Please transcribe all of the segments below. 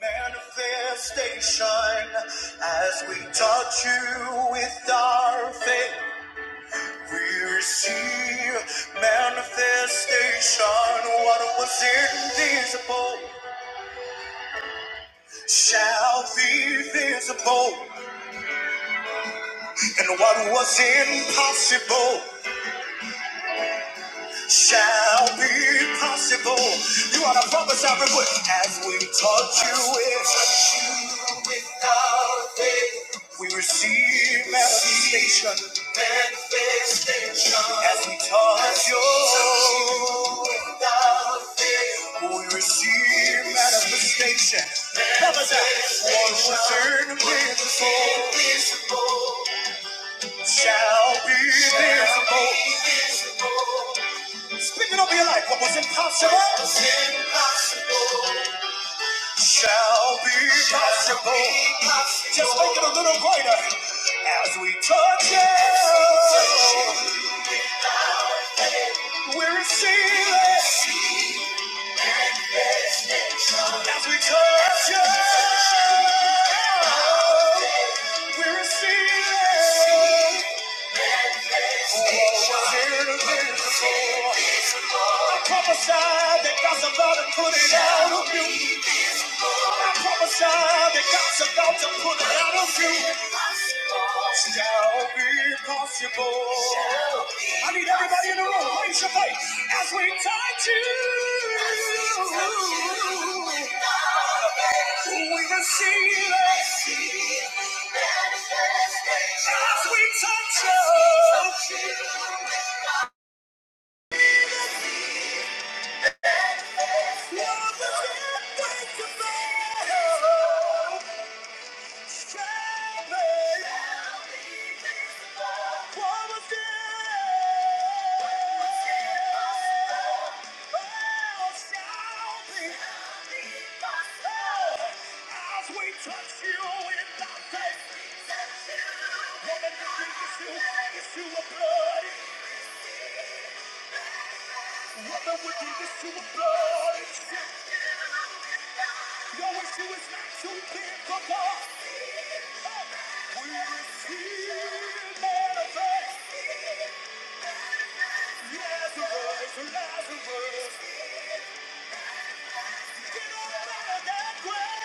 Manifestation as we touch you with our faith. We receive manifestation. What was invisible shall be visible, and what was impossible. shall be possible. You are the promise I would as we taught you it. Touch you without faith. We receive manifestation. Manifestation. As we touch you. Touch you without faith. We receive manifestation. Promise Prophesy. What was invisible shall be visible. Speaking over your life, what was impossible what was impossible. Shall be possible. Just make it a little greater as we touch it. We receive it as we touch it. We receive it. I prophesy that God's about to put it out of you. I prophesy that God's about to put it out of you. Shall be possible. I need everybody in the room. Raise your voice as we touch you. We can see it as we touch you. As we touch you in the faith. Woman, it's you, it's you, a blood, it's you, a blood. Your issue is not too big for God. We will manifest. Lazarus, Lazarus, get up out of that grave.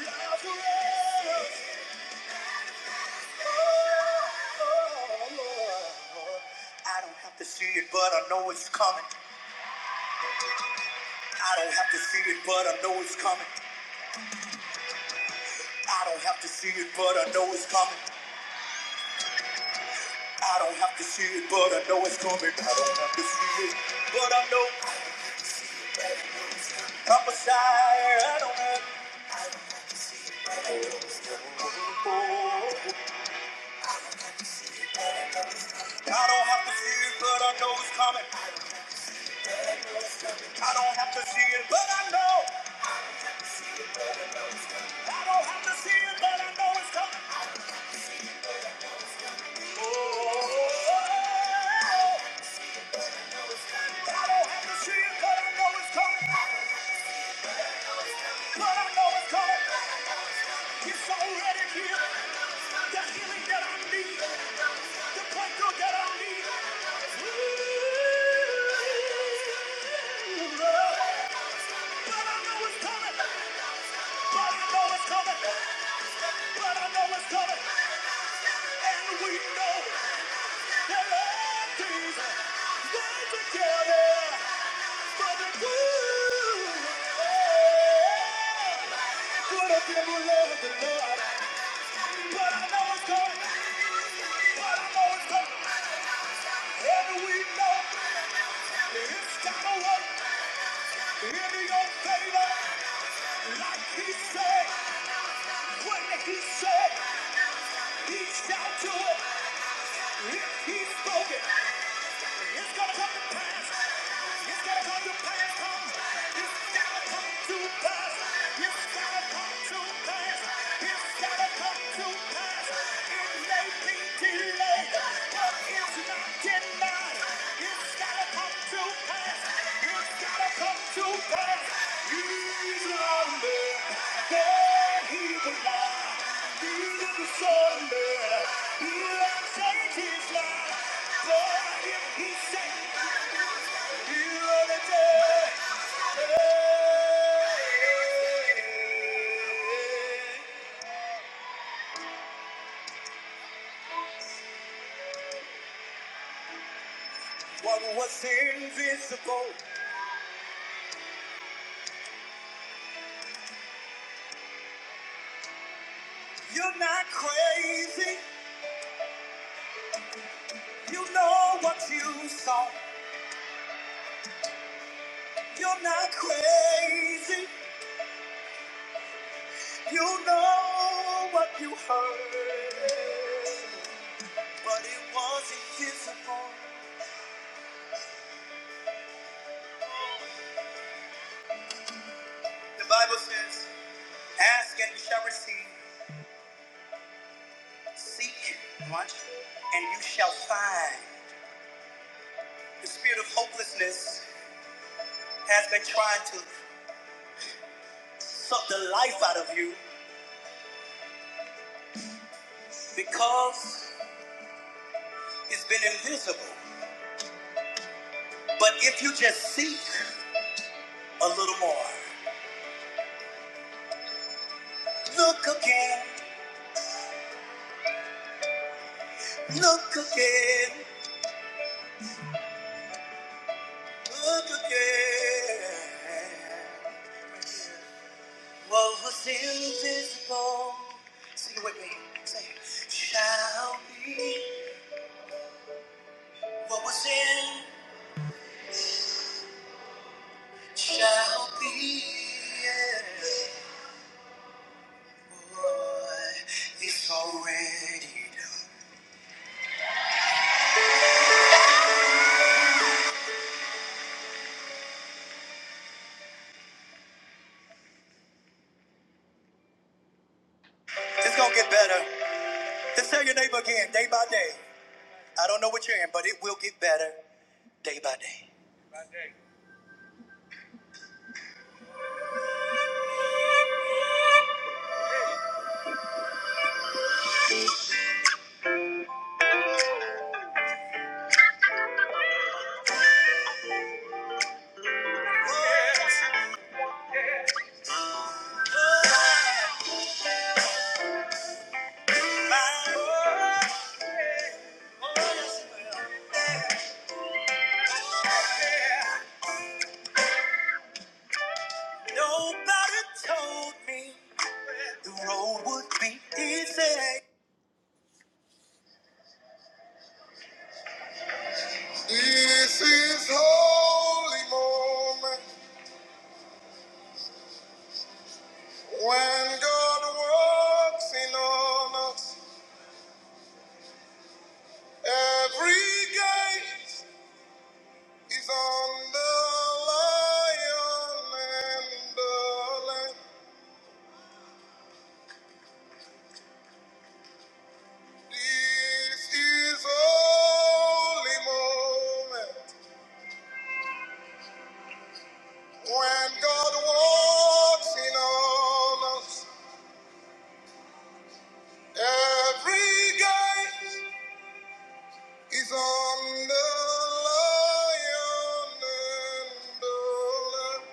I don't have to see it, but I know it's coming. I don't have to see it, but I know it's coming. I don't have to see it, but I know it's coming. I don't have to see it, but I know it's coming. I don't have to see it, but I know I'm a sire. I don't have oh, I don't have to see it, but I know it's coming. I don't have to see it, but I know. I don't have to see it, but I know it's coming. Oh, oh, oh, oh. I don't have but I know it's coming. But I know it's coming. It's already here. The healing that I need, the breakthrough that I need. is But I know it's coming. But I know it's coming. But I know it's coming. And we know that all things work together for the good. Good of them who love the Lord. But I know it's coming. But I know it's coming. And we know it's gotta work in your favor. Like he said, when he said, he's down to it. If he spoke it, it's gonna come to pass. It's gotta come to platform. It's gotta come to pass. It's gotta come to pass. It's gotta come to pass. It may be delayed, but it's not denied. It's gotta come to pass. It's gotta come to pass. He's longer than he will lie. He's in the thunder. He likes to take his life. But if he said what was invisible? You're not crazy. You know what you saw. You're not crazy. You know what you heard. But it was invisible. The Bible says, Ask and you shall receive. Seek, want, and you shall find. The spirit of hopelessness has been trying to suck the life out of you because it's been invisible. But if you just seek a little more, look again, look again, look again. What was invisible, sing it with me, say, shall be. What was in shall be. Yeah. Boy, It's already done. It's gonna get better. Just tell your neighbor again, day by day. I don't know what you're in, but it will get better day by day. Nobody told me the road would be easy. This is only moment when God walks in on us. Every gate is on the lion and the lamb.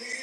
Thank you.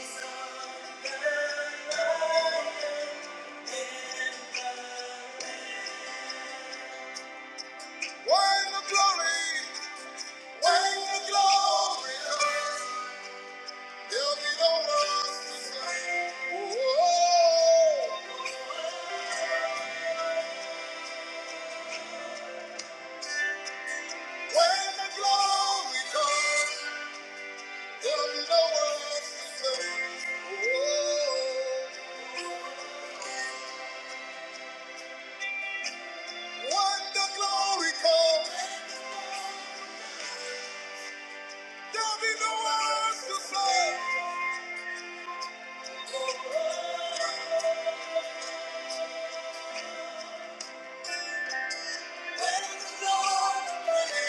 Wine of glory, wine of glory, there'll be no one to say, oh, wine of glory, comes, there'll be no one to say, oh, when the glory comes, there's to say,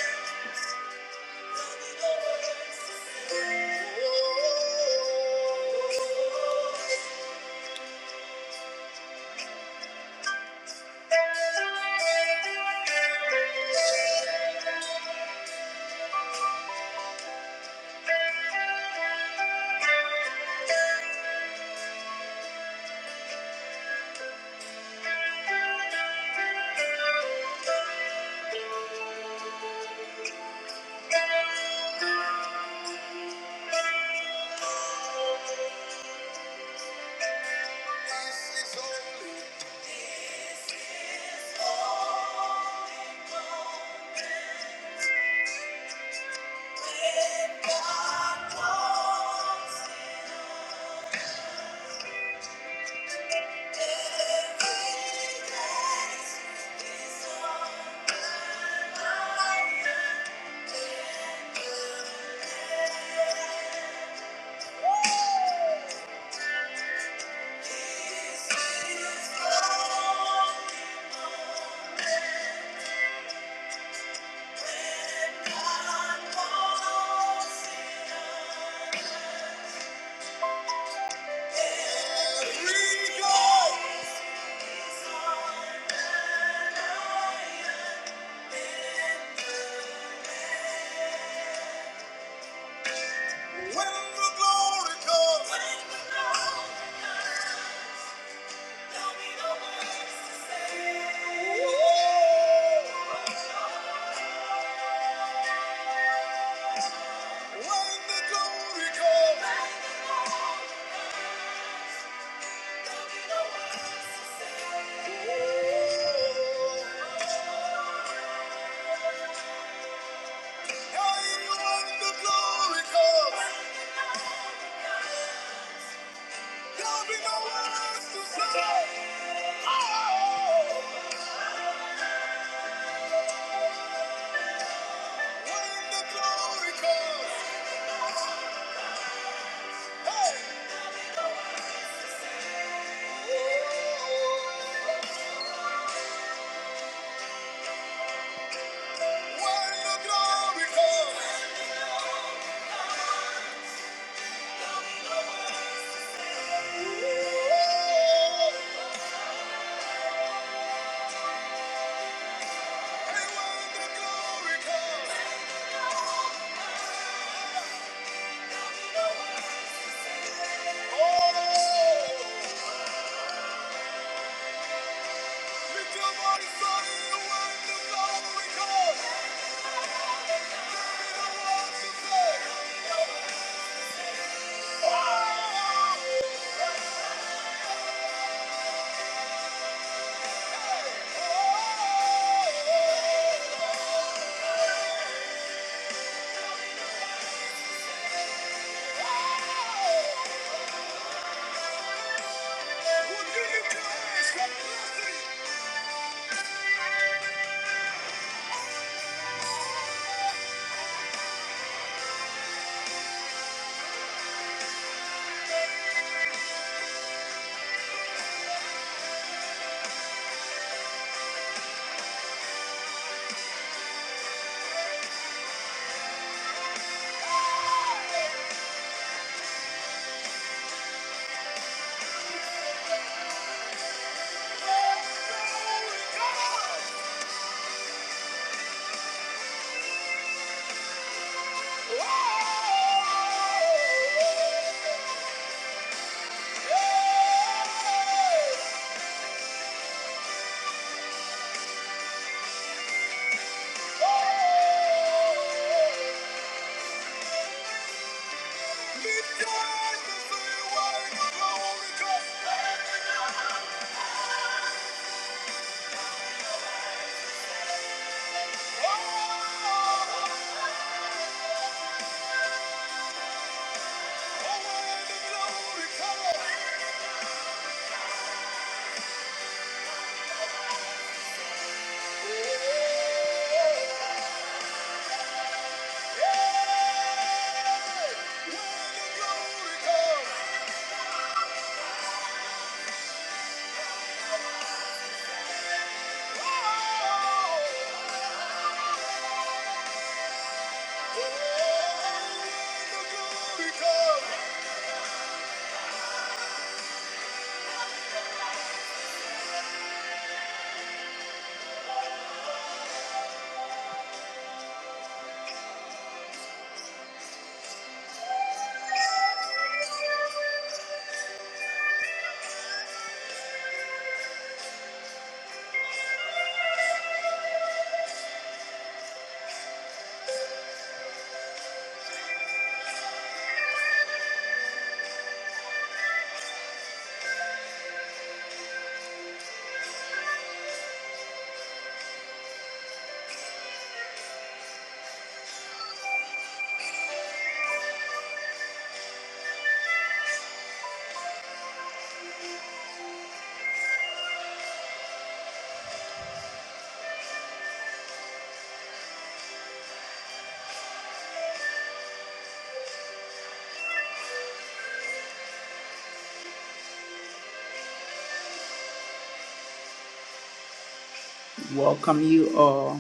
Welcome you all.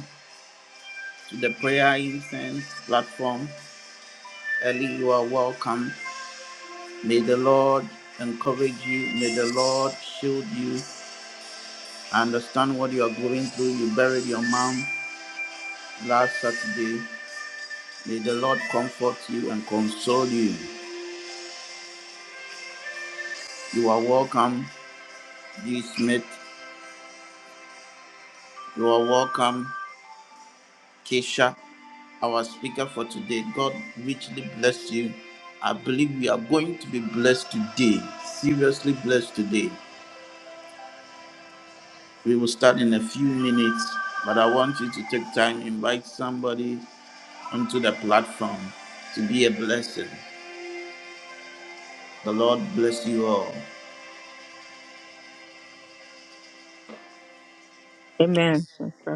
to the Prayer Incense platform. Ellie, you are welcome. May the Lord encourage you. May the Lord shield you. I understand what you are going through. You buried your mom last Saturday. May the Lord comfort you and console you. You are welcome, G. Smith. You are welcome, Keisha our speaker for today. God richly bless you. I believe we are going to be blessed today. Seriously blessed today. We will start in a few minutes, but I want you to take time, invite somebody onto the platform to be a blessing. The Lord bless you all. Amen. Thank you,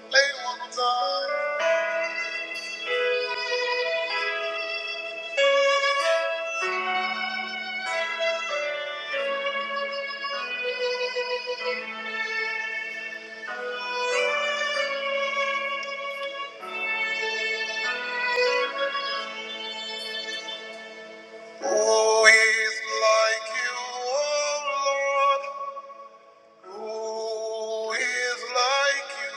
Play one more time. Who is like you, oh Lord? Who is like you?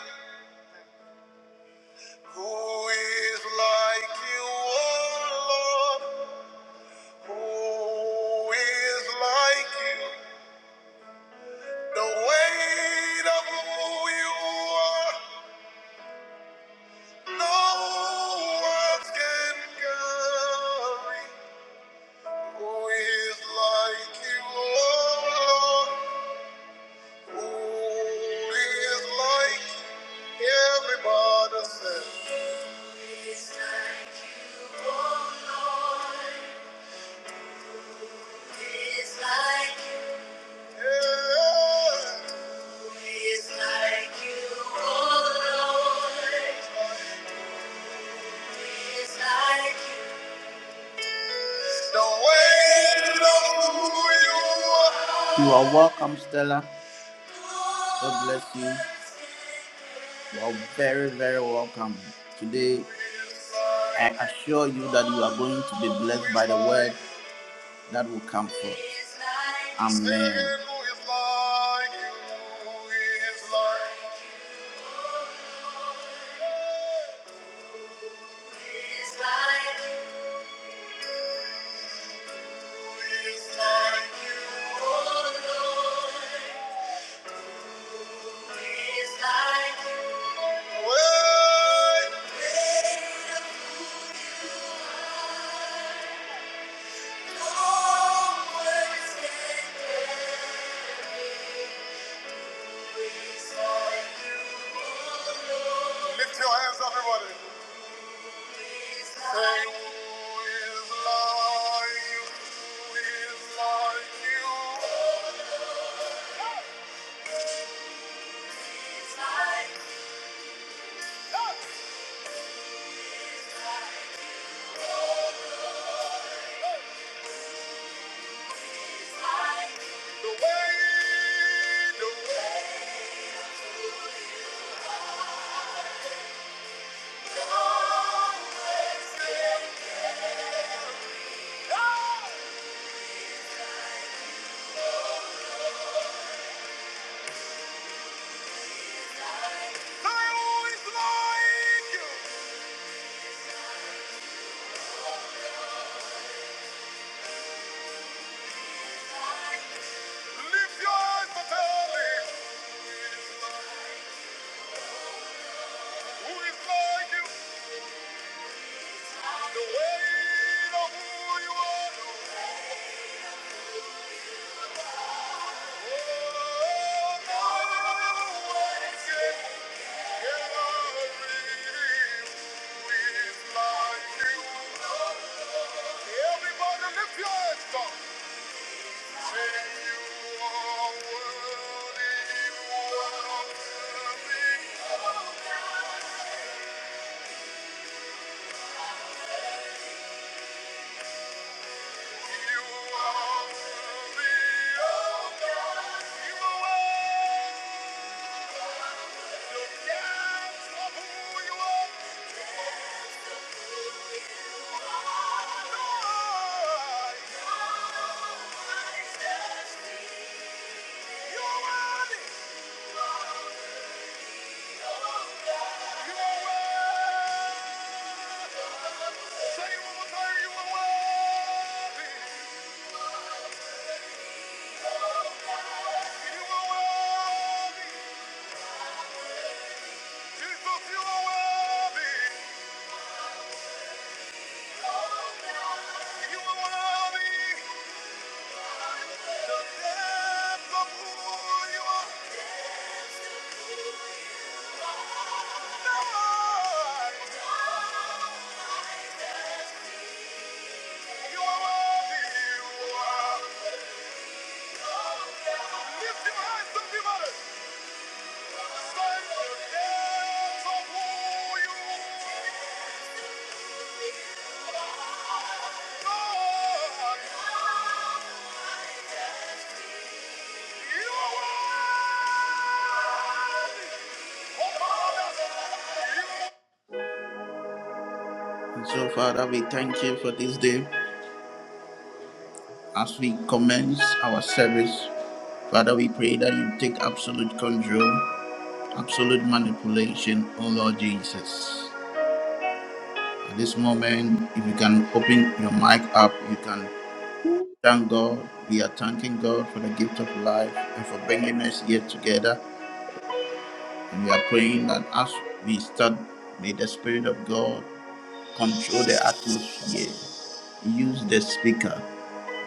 Who is like you, oh Lord? Who is like you? The weight of who you are. No one can carry who is like you, oh Lord. Who is like you? Everybody says. Who is like you, oh Lord? Who is like you? Yeah. Who is like you, oh Lord? Who is like you? You are welcome, Stella. God bless you. You are very, very welcome. Today, I assure you that you are going to be blessed by the word that will come forth. Amen. Who is like you? The weight of who you are. You are worthy, oh God. You are worthy. You are worthy. The depth of who you are. Last weeks, always that you take absolute control. population, oh Lord Jesus. Amen. And open your mic up. You can thank God, thanking God for the gift of life and for bringing us here together. And we are praying that as we start, may the Spirit of God control the atmosphere. Use the speaker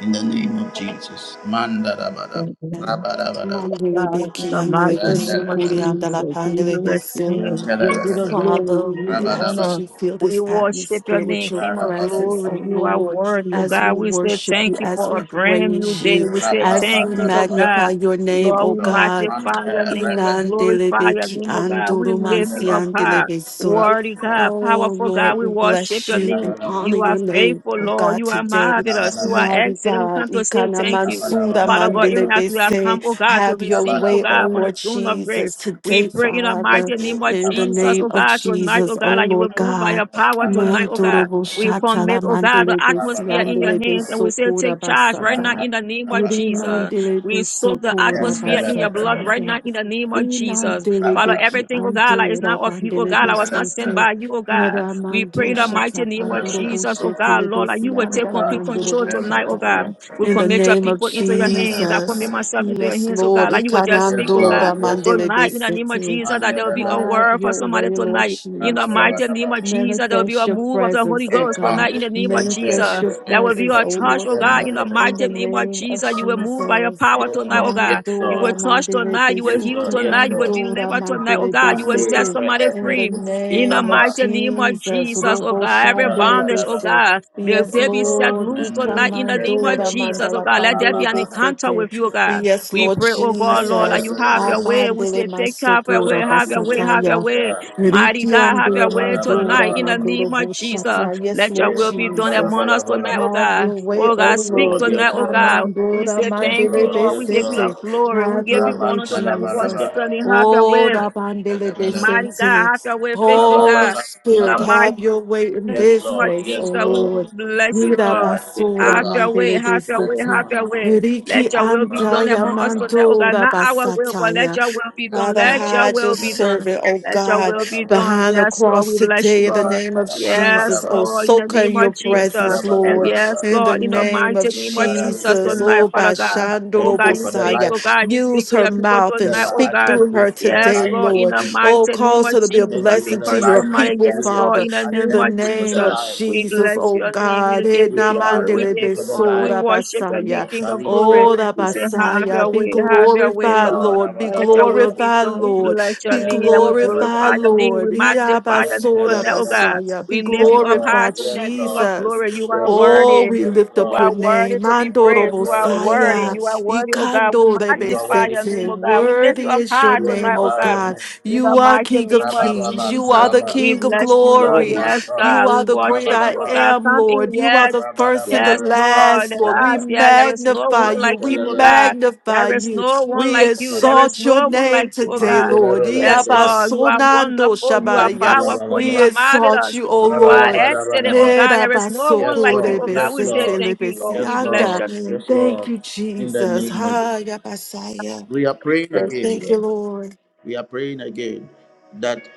in the name of Jesus. Mandarabada, Thank you, Father, rabadabada, we God, in ask the mighty name of randarabada, Jesus, we bless your name. We give you the yandarabada, glory. We give you that rabadabada, honor. you fill We this worship your atmosphere with name, your King of rabadabada, presence, glory. O You are Lord, worthy. Oh as we God, we say worship you, thank you as for we a rabadabada. brand new praise day. you, We say as thank we you, oh Rapapandalabala, God. magnify your name, O Lord, we Lord, God. magnify Mante, your name. Rete, We glorify your Inandelebeki name, oh God. We lift you andurumansi up Mandalabala, high. andelebeso. Worthy God, Rapapandalabala, Oh powerful Lord, God, we we worship bless your you name. and honor You are your name, faithful, oh Lord. God, You are today. marvelous. You are Labalabala, Mighty excellent. We God, come to say Ikana thank you. Mansura Labalabala, Father God, even as we have come, Mandelebese. oh God, to have your receive, oh way, oh God, from the Lord Labalabala, throne of grace, Jesus, we today, pray in the Father, mighty Gitu, name of in the Jesus, name oh Labalabala, of God, tonight, Jesus, oh God, oh that you will Lord move by God. your power tonight, oh Handalabala, God. Mandurobo We Shatala commit, oh God, the Mandelebesi atmosphere Labalabala, in your hands and we Andelebeso say, take charge right now Kurabasata. in the name of Randalabala, Jesus. Rimandele We de soak the socora atmosphere in Entelabala, Labalabala, your blood basataya. right Entelabala, now in the name of Jesus. Inandele Father, de ki everything, oh God, that is andora not of you, oh bandele God, I de was not sent sete. by you, oh God. We pray Ramando in the mighty shata name of pandorobo Jesus, oh God, shetele de Lord, that you will take siandala complete control mandorobo tonight, oh God. shataya. We In the commit your name of people into your hands. I commit Jesus. myself into your Yes, hands, oh Lord. God. Like you will just speak, Yes, oh God. Ikanandora Lord. Yes, mandele Lord. de Tonight, in the name of sete. Yes, Jesus, Lord. that there will be a Have word for your way, somebody Lord tonight. In the mighty Jesus. name of Jesus, there will be Manifest a your move of the presence, Holy oh Ghost God. tonight. In the name of Jesus, Manifest your there will be presence, a oh touch, Lord oh God. God. In the In the mighty name of name of Jesus, you will move by your Jesus. power tonight, oh Yes, God. You Lord. will Mandora touch mandele tonight. You will heal besiki Yes, tonight. You will Lord. andora deliver tonight, oh mandele God. You will Monday, set besete. pray, somebody In pray, the free. In keep the name of Baba. mighty name of Jesus. Jesus, oh Robo Mama, God, every lava, shandele bondage, oh lava. bese. God, May Yes, they Yes, be set Lord. Lord. loose Ika tonight Mendo, in the send name the of mandora rebel, Jesus, oh mandala God. rabba, Let there be pandele an rabba, encounter with besete. you, oh God. Yes, We Lord pray, oh God, Mendo, the Lord, that Jesus. you have your rebel, way. We Abandele say, take care of your way, Father, masopura of have the your way, rich, have your basataya. it's way. rabba, Mighty Riki God, have andele your way rabba, tonight mandora rabba, in the mandoro name of Jesus. boshata. Yes, Let your Lord will be done Jesus. among us tonight, rabba. oh Have God. your way, Oh O God, Yes, speak Lord. Lord. Yes, tonight, oh Lord. God. We Ikanandora say Yes, thank you, mandele Lord. Lord. We Yes, give you the Lord. besete. glory. We Have give your you Rabba way, honor tonight. We worship Talabalaba. Jesus. you and have your Oh, way. da bandele Talabalaba. Mighty God, besete. have your way, faithful Rabba Holy God. Baba In Spirit, the Baba. mighty have your way in in Yes, the this name of Lord. place, O Yes, Jesus, we Lord. Lord. bless you, Good Nira Lord. God. Take basura Have over. your way, mandele have your In way, the name besete. have of your Jesus. way. Riki Let your will be Rabba done andaya among Baba us Baba. tonight, oh God. mandora Not our Yes, will, but basataya. let your will be done. Father, Let your hide your will be Talabalaba. done. servant, oh Let your God, Rabba will be Rabba done. behind the Yes, Lord, cross we bless you, today in the Lord. name of Yes, Jesus. Oh, Lord, in the soak her in name of your Yes, Jesus. presence, Rabba And Lord, Rabba Rabba. yes, in the Lord, in the name of mighty name of Father, we Jesus Jesus. thank tonight, Oh, you. Father God. I Oh thank God, you you for the speak, Bashandorobosaya. life oh of God, you speak Use to her your people mouth and tonight, Stella. oh speak I God. thank through you her for the Yes, today, life Lord, of in Lord. the Trisha. Oh, mighty name cause of her to I be a Jesus. thank you We for blessing the to curse your the life of mighty, people, yes, William. Lord, Father, in the I in name thank the of you for the name of Jesus. life We Jesus, bless oh your name. God. We of Eh, give you Trisha. I glory. We thank you give for you the honor. We life Namandelebesora worship the Basaya. of King of Talisha. glory. Oh, I the We say, thank you, have Messiah, your Lord. be way, have your way, glorified, Lord. Rabba, Lord. rabba, Be Let rabba, your will rabba. be glorified, done. We Lord. bless your Be Yeah, name. Yeah, we rabba, rabba, rabba, glorified, glorify your rabba. name. We Lord. magnify your name Man, tala, Yabasoda tonight, oh rabba, God. rabba. Messiah, We be lift Yes, you up Lord. high glorified, Yes, tonight, King of Lord. Jesus. glory. You are Yes, Lord. Oh, worthy. we Yes, lift You up your Lord. are worthy name. to be Mandoro Yeah, praised. You rabba, are rabba, worthy. rabba. Messiah. You are worthy, oh God. We Ikando You are magnify worthy your to name, be Rebesete. oh God. We praised. lift you Worthy up is We your high name, tonight, oh O Glorify God. your God. name. In the You are mighty King of name of Rabba, Kings. rabba, You are Jesus. the rabba. We King of bless you, Oh Lord. glory. my Yes, God. You God. We are the great Rabba, worship you, I oh rabba. God. am, Come in, Lord. You are Yes, yes. the first and the Yes, Lord. last, The Lord. We last, yeah, there is no magnify one you. like We you, oh God. magnify There is you. no one We like you. There is exalt your no one like name you, oh today, God. Lord. Yes, Lord. You are Iabasonando wonderful. You are shabaya. powerful. You We are marvelous. exalt you, O You are Lord. excellent, oh God. There is no one like you, Lord. oh God. Yes, We say Lord. thank you, Lord. We Yes, bless Erabasokorebesetelebesianda. Lord. your name. Yes, Thank Lord. you, In the Jesus. name of Jesus. Ha, yabasaya. We are praying Bless the again. Thank you, Lord. Lord. We are praying again that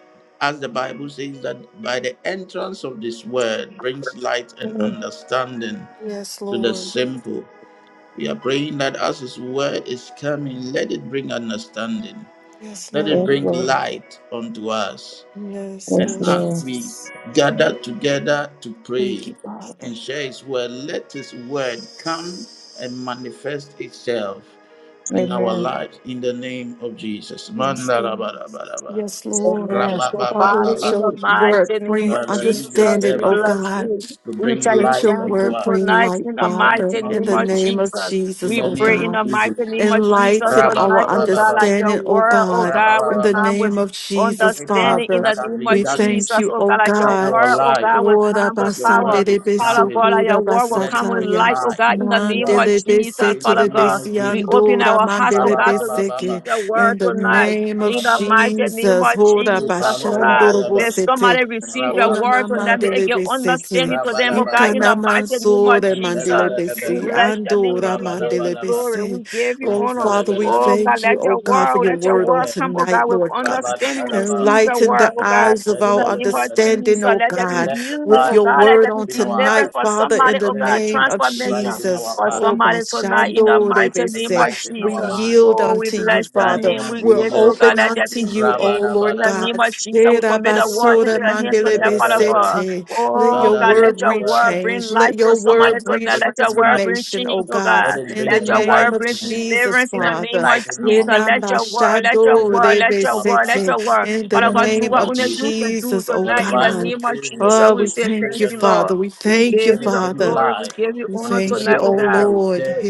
as the Bible says that by the entrance of this word brings light and Mm-hmm. understanding Yes, to the Lord. simple. We are praying that as His word is coming, let it bring understanding, Yes, let it Yes, Lord. bring Lord. light unto us. Yes, Yes, And Lord as Lord. we Jesus. gather together to pray Thank you, Father. and share His word, let His word come and manifest itself in our Amen. lives in the name of Jesus. Yes, Lord. Mandarabarabara. Yes, Lord. Amen. So, Father, Father, let in Rababababa. the your word mighty name bring of Father, use your Jesus, understanding, we oh servant bless God. you. to We bring tell you Let light your thank unto you word us bring tonight light, in the in the Father, name mighty of in name the of Jesus. name of Jesus. In Jesus, We the oh pray name in of God. the mighty Jesus. name of Jesus Enlighten tonight, our oh God, Rababababa. like your understanding, O word, oh God, God, will in the Rababababa. come with name of Jesus, Every path understanding in Father. the that has name been We of darkened thank Jesus, you, oh O God, like your in God. our word, oh life, God, will Ora come with as your power. word basandele is Father coming, God, like your besukura word will let come it with bring basataya. light, oh light God, in the unto name us. of Mandele Jesus, In the Father besetele name God. of We Jesus. open besiandora our hearts, oh mandele God, to receive Rababababa. beseke. your word In the tonight. name of In the Mandalabadaba. mighty name Jesus. of Ora Jesus, oh God. bashandoro Ipandalabalaba. May bosete. somebody receive your Ona word na to them. May Rababandalaba. it mandele give besete. understanding to them, oh God. In Rabalabalaba. the Ikana mighty name of mansore mandele Jesus. Mentalabalaba. We besi, bless your name. andora We give mandele you Rabalabalaba. glory. besi. We give you Oh, honor. Father, we Mentalabalaba. Oh God, thank you, let oh your God, Ma for word, your let your word on word Usape, come, oh God, tonight, with Lord God. understanding. We Rabantalaba, receive your Enlighten word, the oh God. eyes of In our the name of Yetetendelemelele. Jesus, understanding, oh let there be God, Let the healing, with oh light your God. come Let word there on be in our deliverance eyes. tonight, for Father, somebody, in the oh Let it God. name come of to Transformation brighten our Jesus. for path. Oh, somebody tonight Let in it the bashandore come to mighty name besi. of enlighten we our Jesus. mind. yield Oh, we unto you, bless In the your Father. name name. of We We're give you, oh Jesus, God, open let there be unto you, healing. oh In Lord the Rabadabadaba. name God. of Jesus, we Era commit the word into basora your hands mandele tonight, Father besi Yetakutetelebelebe. God. let Oh, your Father, God, let let word the your bring word word bring change. life Let to your come somebody word to bring tonight. bring Let your word bring enlightenment. transformation, change, oh oh God. Let God. it In bring the Let your name word of bring enlightenment. Jesus, deliverance in Let the it name Father. of lighten Jesus. our In the Let mind. your word, let Let your it word, lighten let your our word, let path. your word. In Father the God, do name name what of of only you Jesus. can do Jesus, oh For the tonight in the Bible God. name of says your Jesus. word Oh, We we is say thank spirit thank you, you, and life. Lord. Father. We We thank you, give Let you it the bring Father. glory. We life give you We honor unto thank you, tonight, oh oh anything that God. is Lord. dead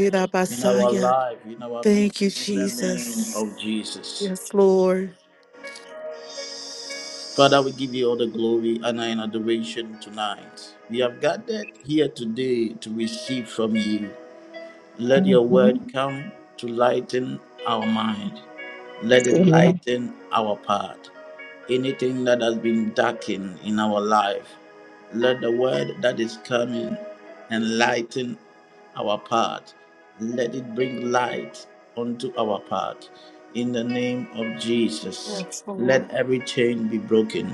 in our life, in our Thank you, business, in the name Jesus. of Jesus. Yes, Lord. Father, we give you all the glory, honor, and adoration tonight. We have gathered here today to receive from you. Let your Mhm. word come to lighten our mind. Let it Amen. lighten our path. Anything that has been darkened in our life, let the word that is coming enlighten our path. Let it bring light onto our path. In the name of Jesus, Yes, Lord. let every chain be broken.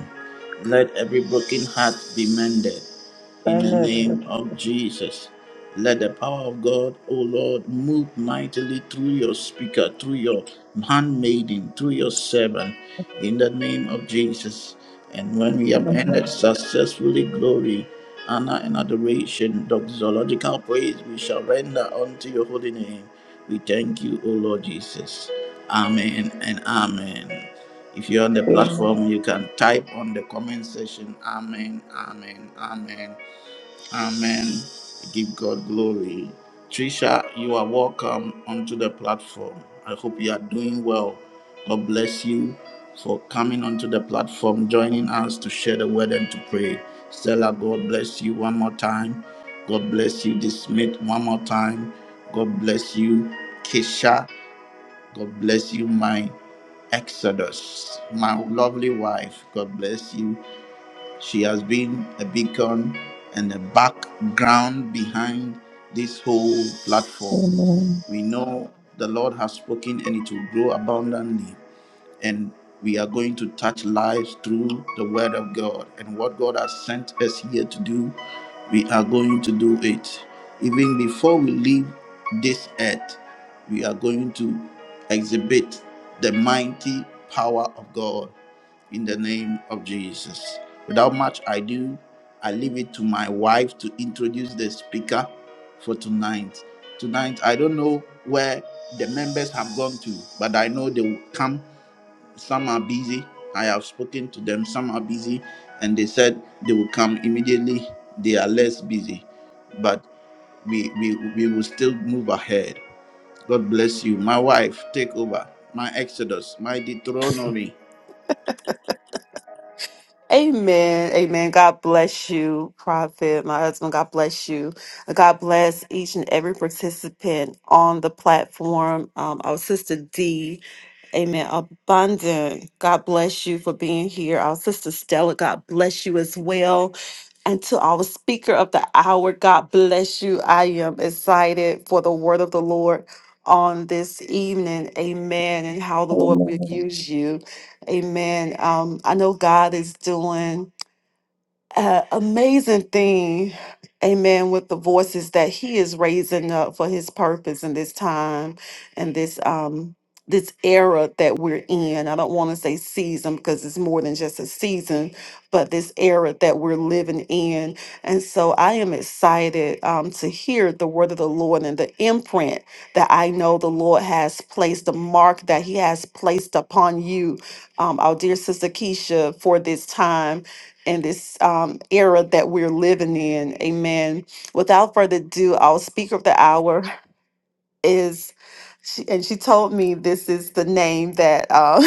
Let every broken heart be mended. In the name of Jesus, let the power of God, O Lord, move mightily through your speaker, through your handmaiden, through your servant. In the name of Jesus. And when we have Amen. ended successfully, glory honor and adoration, doxological praise we shall render unto your holy name. We thank you, O Lord Jesus. Amen and amen. If you're on the Amen. platform, you can type on the comment section, Amen, Amen, Amen. Amen. Give God glory. Trisha, you are welcome onto the platform. I hope you are doing well. God bless you for coming onto the platform, joining us to share the word and to pray. Stella, God bless you one more time. God bless you, Dismith one more time. God bless you, Kesha. God bless you, my Exodus, my lovely wife. God bless you. She has been a beacon and a background behind this whole platform. Amen. We know the Lord has spoken and it will grow abundantly. And we are going to touch lives through the word of God. And what God has sent us here to do, we are going to do it. Even before we leave this earth, we are going to exhibit the mighty power of God in the name of Jesus. Without much ado, I leave it to my wife to introduce the speaker for tonight. Tonight, I don't know where the members have gone to, but I know they will come. Some are busy. I have spoken to them. Some are busy, and they said they will come immediately. They are less busy, but we, we, we will still move ahead. God bless you. My wife, take over. My Exodus, my Deuteronomy. Amen. Amen. God bless you, Prophet, my husband. God bless you. God bless each and every participant on the platform. Um, our sister D, amen. Abundant. God bless you for being here. Our sister Stella, God bless you as well. And to our speaker of the hour, God bless you. I am excited for the word of the Lord on this evening. Amen. And how the Lord will use you. Amen. Um, I know God is doing uh, amazing thing, amen, with the voices that he is raising up for his purpose in this time and this um this era that we're in. I don't want to say season because it's more than just a season, but this era that we're living in. And so I am excited um, to hear the word of the Lord and the imprint that I know the Lord has placed, the mark that he has placed upon you, um, our dear sister Keisha, for this time in this um, era that we're living in. Amen. Without further ado, our speaker of the hour is she and she told me this is the name that uh,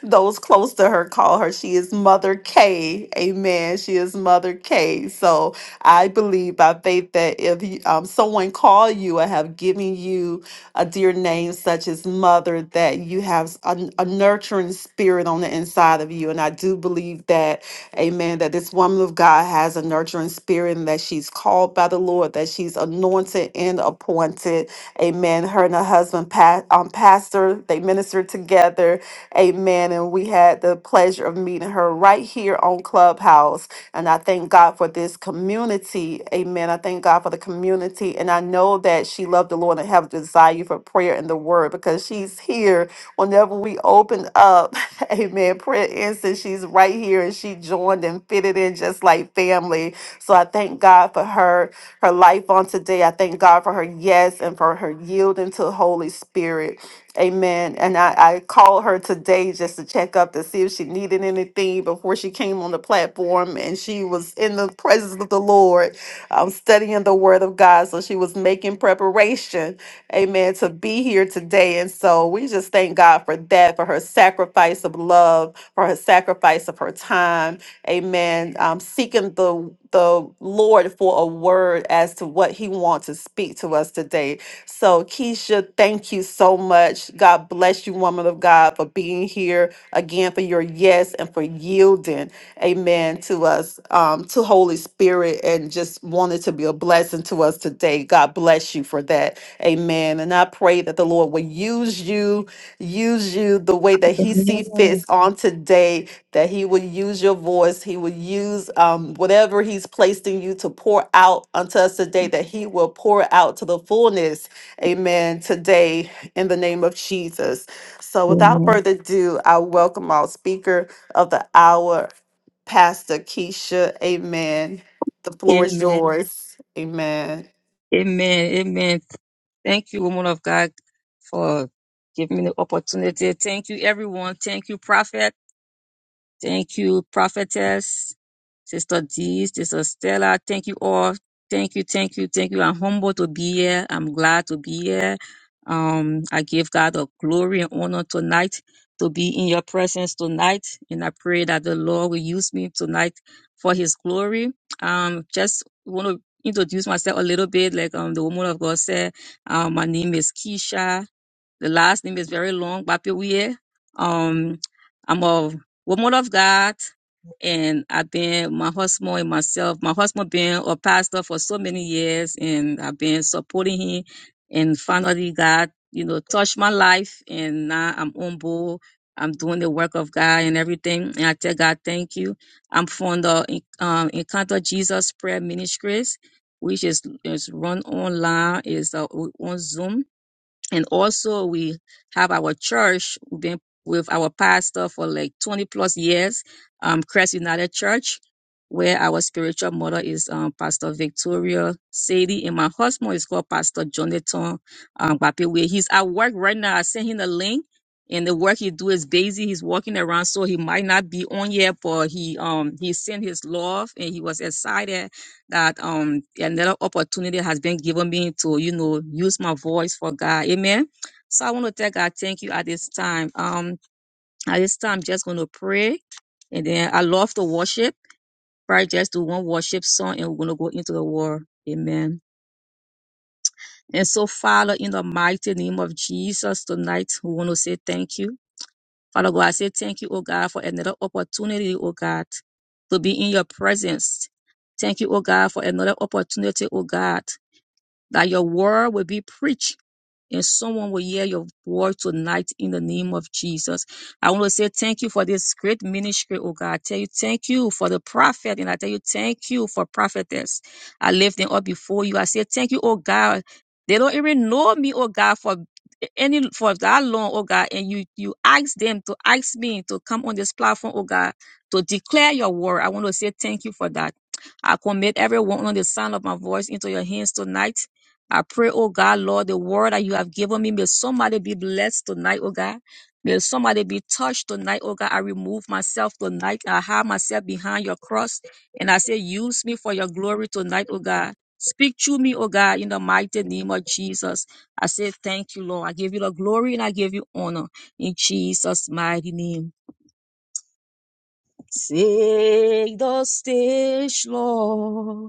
those close to her call her she is mother k amen she is mother k so i believe by faith that if you, um, someone call you or have given you a dear name such as mother that you have a, a nurturing spirit on the inside of you and i do believe that amen that this woman of god has a nurturing spirit and that she's called by the lord that she's anointed and appointed Amen. Her and her husband, pa- um, pastor, they ministered together. Amen. And we had the pleasure of meeting her right here on Clubhouse. And I thank God for this community. Amen. I thank God for the community. And I know that she loved the Lord and have a desire for prayer and the word because she's here whenever we open up. Amen. Prayer instance, she's right here and she joined and fitted in just like family. So I thank God for her her life on today. I thank God for her yes and for her yielding to the Holy Spirit. Amen. And I, I called her today just to check up to see if she needed anything before she came on the platform. And she was in the presence of the Lord, um, studying the Word of God. So she was making preparation, amen, to be here today. And so we just thank God for that, for her sacrifice of love, for her sacrifice of her time Amen. Um, seeking the the Lord for a word as to what He wants to speak to us today. So, Keisha, thank you so much. God bless you, woman of God, for being here again, for your yes and for yielding, amen, to us, um, to Holy Spirit, and just wanted to be a blessing to us today. God bless you for that. Amen. And I pray that the Lord will use you, use you the way that Amen. He see fits Amen. on today that he would use your voice he would use um, whatever he's placed in you to pour out unto us today that he will pour out to the fullness amen today in the name of jesus so without further ado i welcome our speaker of the hour pastor keisha amen the floor is Amen. yours amen Amen. Amen. Thank you, woman of God, for giving me the opportunity. Thank you, everyone. Thank you, Prophet. Thank you, prophetess, Sister D, Sister Stella. Thank you all. Thank you, thank you, thank you. I'm humbled to be here. I'm glad to be here. Um, I give God the glory and honor tonight to be in your presence tonight. And I pray that the Lord will use me tonight for his glory. Um, just want to introduce myself a little bit. Like um the woman of God said, um, my name is Keisha. The last name is very long, Bapiwe. Um, I'm a woman of God and I've been my husband and myself. My husband been a pastor for so many years, and I've been supporting him. And finally, God, you know, touched my life, and now I'm humble. I'm doing the work of God and everything. And I tell God, thank you. I'm from the um, Encounter Jesus Prayer Ministries, which is is run online, is uh, on Zoom and also we have our church we've been with our pastor for like 20 plus years um christ united church where our spiritual mother is um, pastor victoria sadie and my husband is called pastor jonathan um Gbapewe. he's at work right now i sent him a link and the work he do is busy he's walking around so he might not be on yet but he um he sent his love and he was excited that um another opportunity has been given me to you know use my voice for God. Amen. So I want to tell God thank you at this time. Um at this time I'm just gonna pray and then I love to worship. Probably just do one worship song and we're gonna go into the war. Amen. And so Father, in the mighty name of Jesus tonight, we want to say thank you. Father God, I say thank you, oh God, for another opportunity, oh God, to be in your presence. Thank you, oh God, for another opportunity, oh God that your word will be preached and someone will hear your word tonight in the name of Jesus. I want to say thank you for this great ministry, oh God. I tell you thank you for the prophet and I tell you thank you for prophetess. I lift them up before you. I say thank you, oh God. They don't even know me, oh God, for any for that long, oh God, and you you ask them to ask me to come on this platform, oh God, to declare your word. I want to say thank you for that. I commit everyone on the sound of my voice into your hands tonight. I pray, oh God, Lord, the word that you have given me, may somebody be blessed tonight, oh God. May somebody be touched tonight, oh God. I remove myself tonight. I hide myself behind your cross. And I say, use me for your glory tonight, oh God. Speak to me, oh God, in the mighty name of Jesus. I say, thank you, Lord. I give you the glory and I give you honor in Jesus' mighty name. Take the stage, Lord.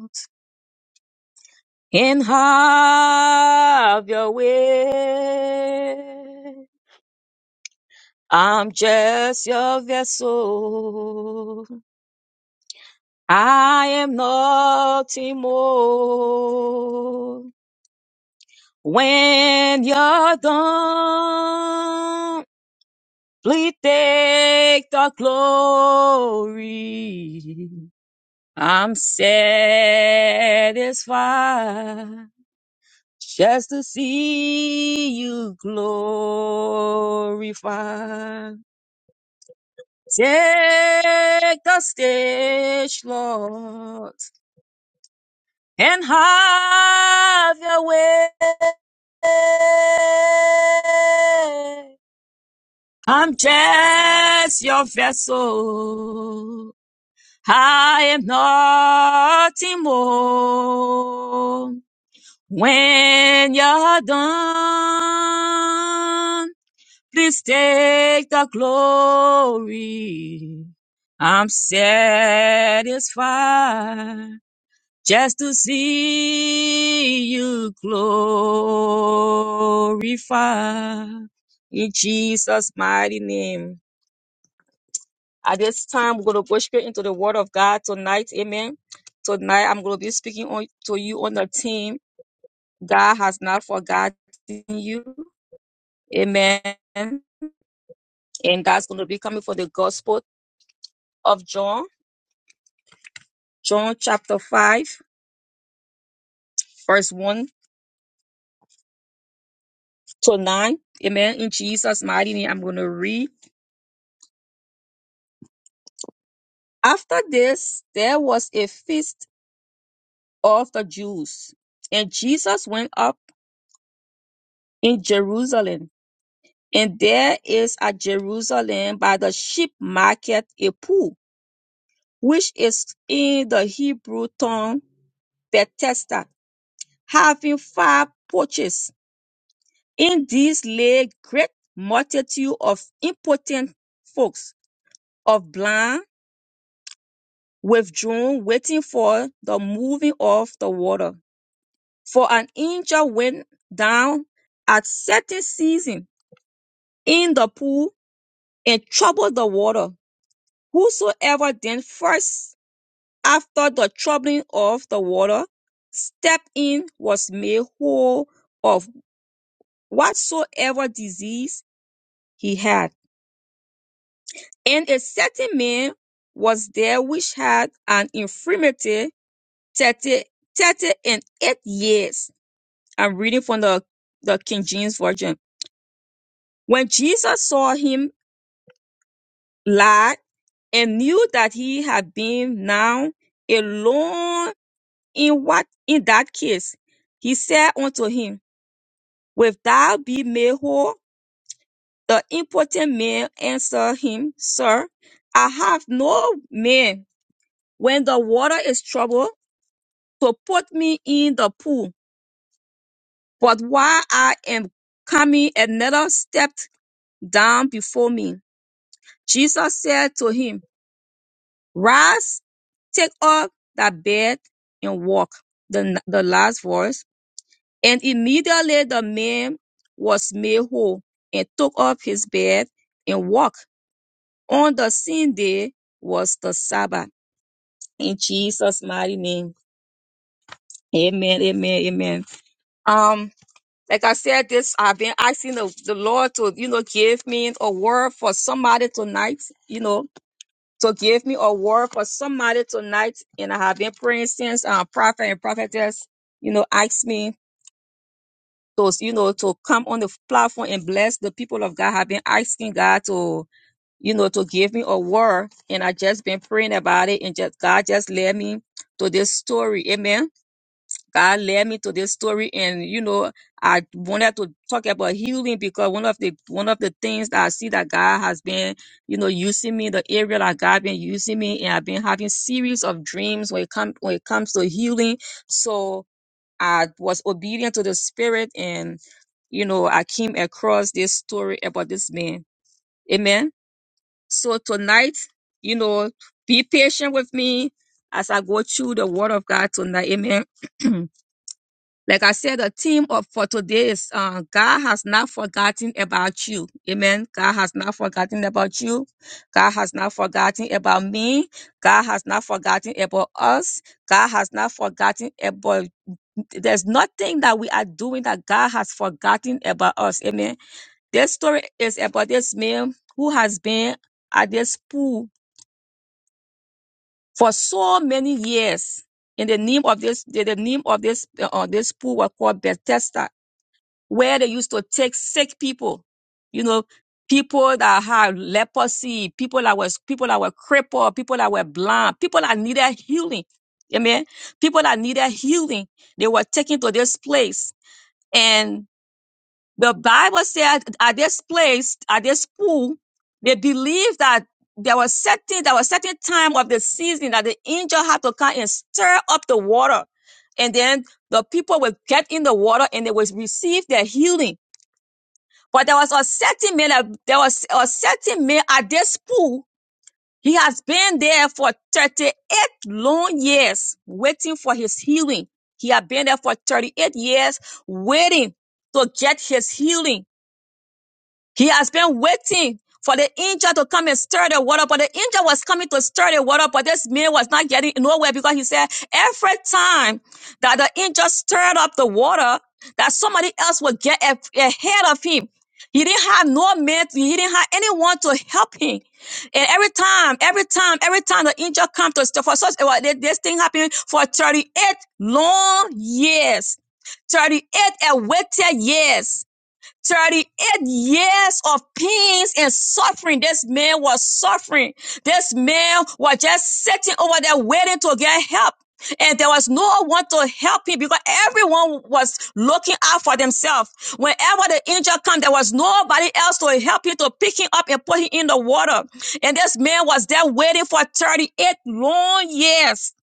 and have your way. I'm just your vessel. I am nothing more. When you're done, please take the glory. I'm satisfied just to see you glorify. Take the stage, Lord, and have your way. I'm just your vessel. I am nothing more. When you're done. Please take the glory. I'm satisfied just to see you glorified. In Jesus' mighty name. At this time, we're going to go straight into the Word of God tonight. Amen. Tonight, I'm going to be speaking on, to you on the team. God has not forgotten you. Amen. And God's going to be coming for the gospel. of John, John chapter 5, verse 1 to 9. Amen. In Jesus' mighty name, I'm going to read. After this, there was a feast of the Jews, and Jesus went up in Jerusalem. And there is at Jerusalem by the sheep market a pool, which is in the Hebrew tongue Bethesda, having five porches. In these lay great multitude of impotent folks of blind withdrawn, waiting for the moving of the water. For an angel went down at certain season in the pool and troubled the water. Whosoever then first after the troubling of the water stepped in was made whole of whatsoever disease he had. And a certain man was there which had an infirmity 30, 30 and 8 years. I'm reading from the, the King James Version. When Jesus saw him lie and knew that he had been now alone in what in that case, he said unto him, Wilt thou be made whole? The impotent man answered him, Sir, I have no man when the water is troubled to put me in the pool, but while I am coming another step down before me. Jesus said to him, Rise, take up that bed and walk. The, the last verse. And immediately the man was made whole and took up his bed and walked. On the same day was the Sabbath. In Jesus' mighty name. Amen, amen, amen. Um, like I said, this I've been asking the, the Lord to, you know, give me a word for somebody tonight, you know to give me a word for somebody tonight. And I have been praying since uh, prophet and prophetess, you know, asked me to, you know, to come on the platform and bless the people of God. Have been asking God to, you know, to give me a word. And I just been praying about it. And just God just led me to this story. Amen. God led me to this story. And, you know, I wanted to talk about healing because one of the, one of the things that I see that God has been you know, using me, the area that God been using me, and I've been having of dreams when it comes when it comes to healing so i was obedient to the spirit and you know i came across this story about this man amen so tonight you know be patient with me as i go through the word of god tonight amen Like I said, the theme of for today is uh, God has not forgotten about you. Amen. God has not forgotten about you. God has not forgotten about me. God has not forgotten about us. God has not forgotten about. There's nothing that we are doing that God has forgotten about us. Amen. This story is about this man who has been at this pool for so many years. In the name of this, the the name of this, uh, uh, this pool was called Bethesda where they used to take sick people, you know, people that had leprosy, people that was people that were crippled, people that were blind, people that needed healing. Amen. People that needed healing, they were taken to this place. And the Bible said at this place, at this pool, they believed that there was certain there was certain time of the season that the angel had to come and stir up the water. And then the people would get in the water and they would receive their healing but there was a certain man, that- there was a certain man at this pool. He has been there for 38 long years waiting for his healing. He had been there for 38 years waiting to get his healing. He has been waiting for the angel to come and stir the water, but the angel was coming to stir the water, but this man was not getting nowhere because he said every time that the angel stirred up the water, that somebody else would get a- ahead of him. He didn't have no man, he didn't have anyone to help him. And every time, every time, every time the angel comes to stir for such, it was- this thing happened for 38 long years. 38 awaited years. 38 years of pains and suffering. This man was suffering. This man was just sitting over there waiting to get help. And there was no one to help him because everyone was looking out for themselves. Whenever the angel came, there was nobody else to help him to pick him up and put him in the water. And this man was there waiting for 38 long years.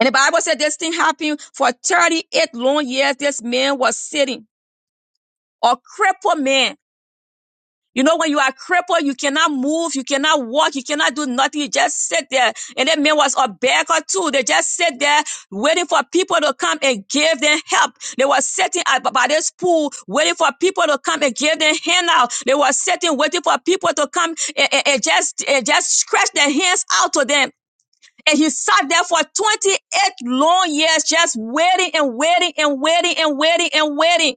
And the Bible said this thing happened for 38 long years. This man was sitting, a crippled man You know, when you are crippled, you cannot move, you cannot walk, you cannot do nothing. You just sit there. And that man was a beggar too. They just sit there waiting for people to come and give them help. They were sitting at, by this pool waiting for people to come and give them handout. They were sitting waiting for people to come and, and- and just and just stretch their hands out to them. And he sat there for 28 long years, just waiting and waiting and waiting and waiting and waiting.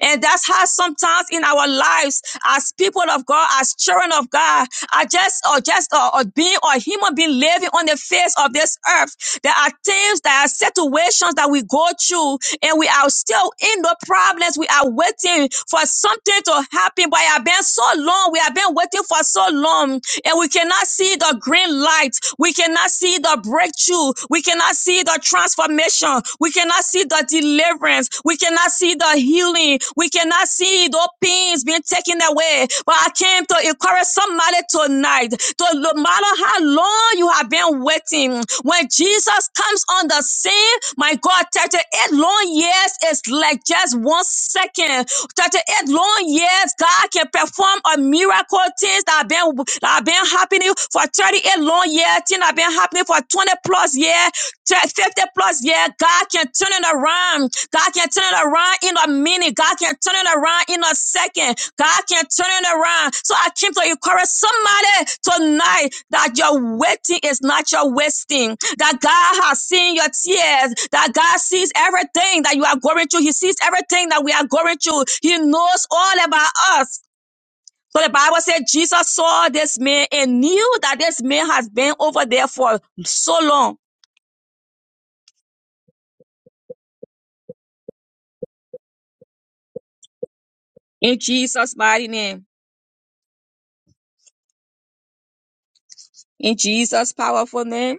And that's how sometimes in our lives, as people of God, as children of God, are just or just or, or being or human being living on the face of this earth. There are things, there are situations that we go through, and we are still in the problems. We are waiting for something to happen, but it has been so long. We have been waiting for so long, and we cannot see the green light. We cannot see the breakthrough. We cannot see the transformation. We cannot see the deliverance. We cannot see the healing. We cannot see those pains being taken away. But I came to encourage somebody tonight. To, no matter how long you have been waiting, when Jesus comes on the scene, my God, 38 long years is like just one second. 38 long years, God can perform a miracle things that have been that have been happening for 38 long years, things that have been happening for 20 plus years. 50 plus yeah, God can turn it around. God can turn it around in a minute. God can turn it around in a second. God can turn it around. So I came to encourage somebody tonight that your waiting is not your wasting. That God has seen your tears. That God sees everything that you are going through. He sees everything that we are going through. He knows all about us. So the Bible said Jesus saw this man and knew that this man has been over there for so long In Jesus' mighty name, in Jesus' powerful name,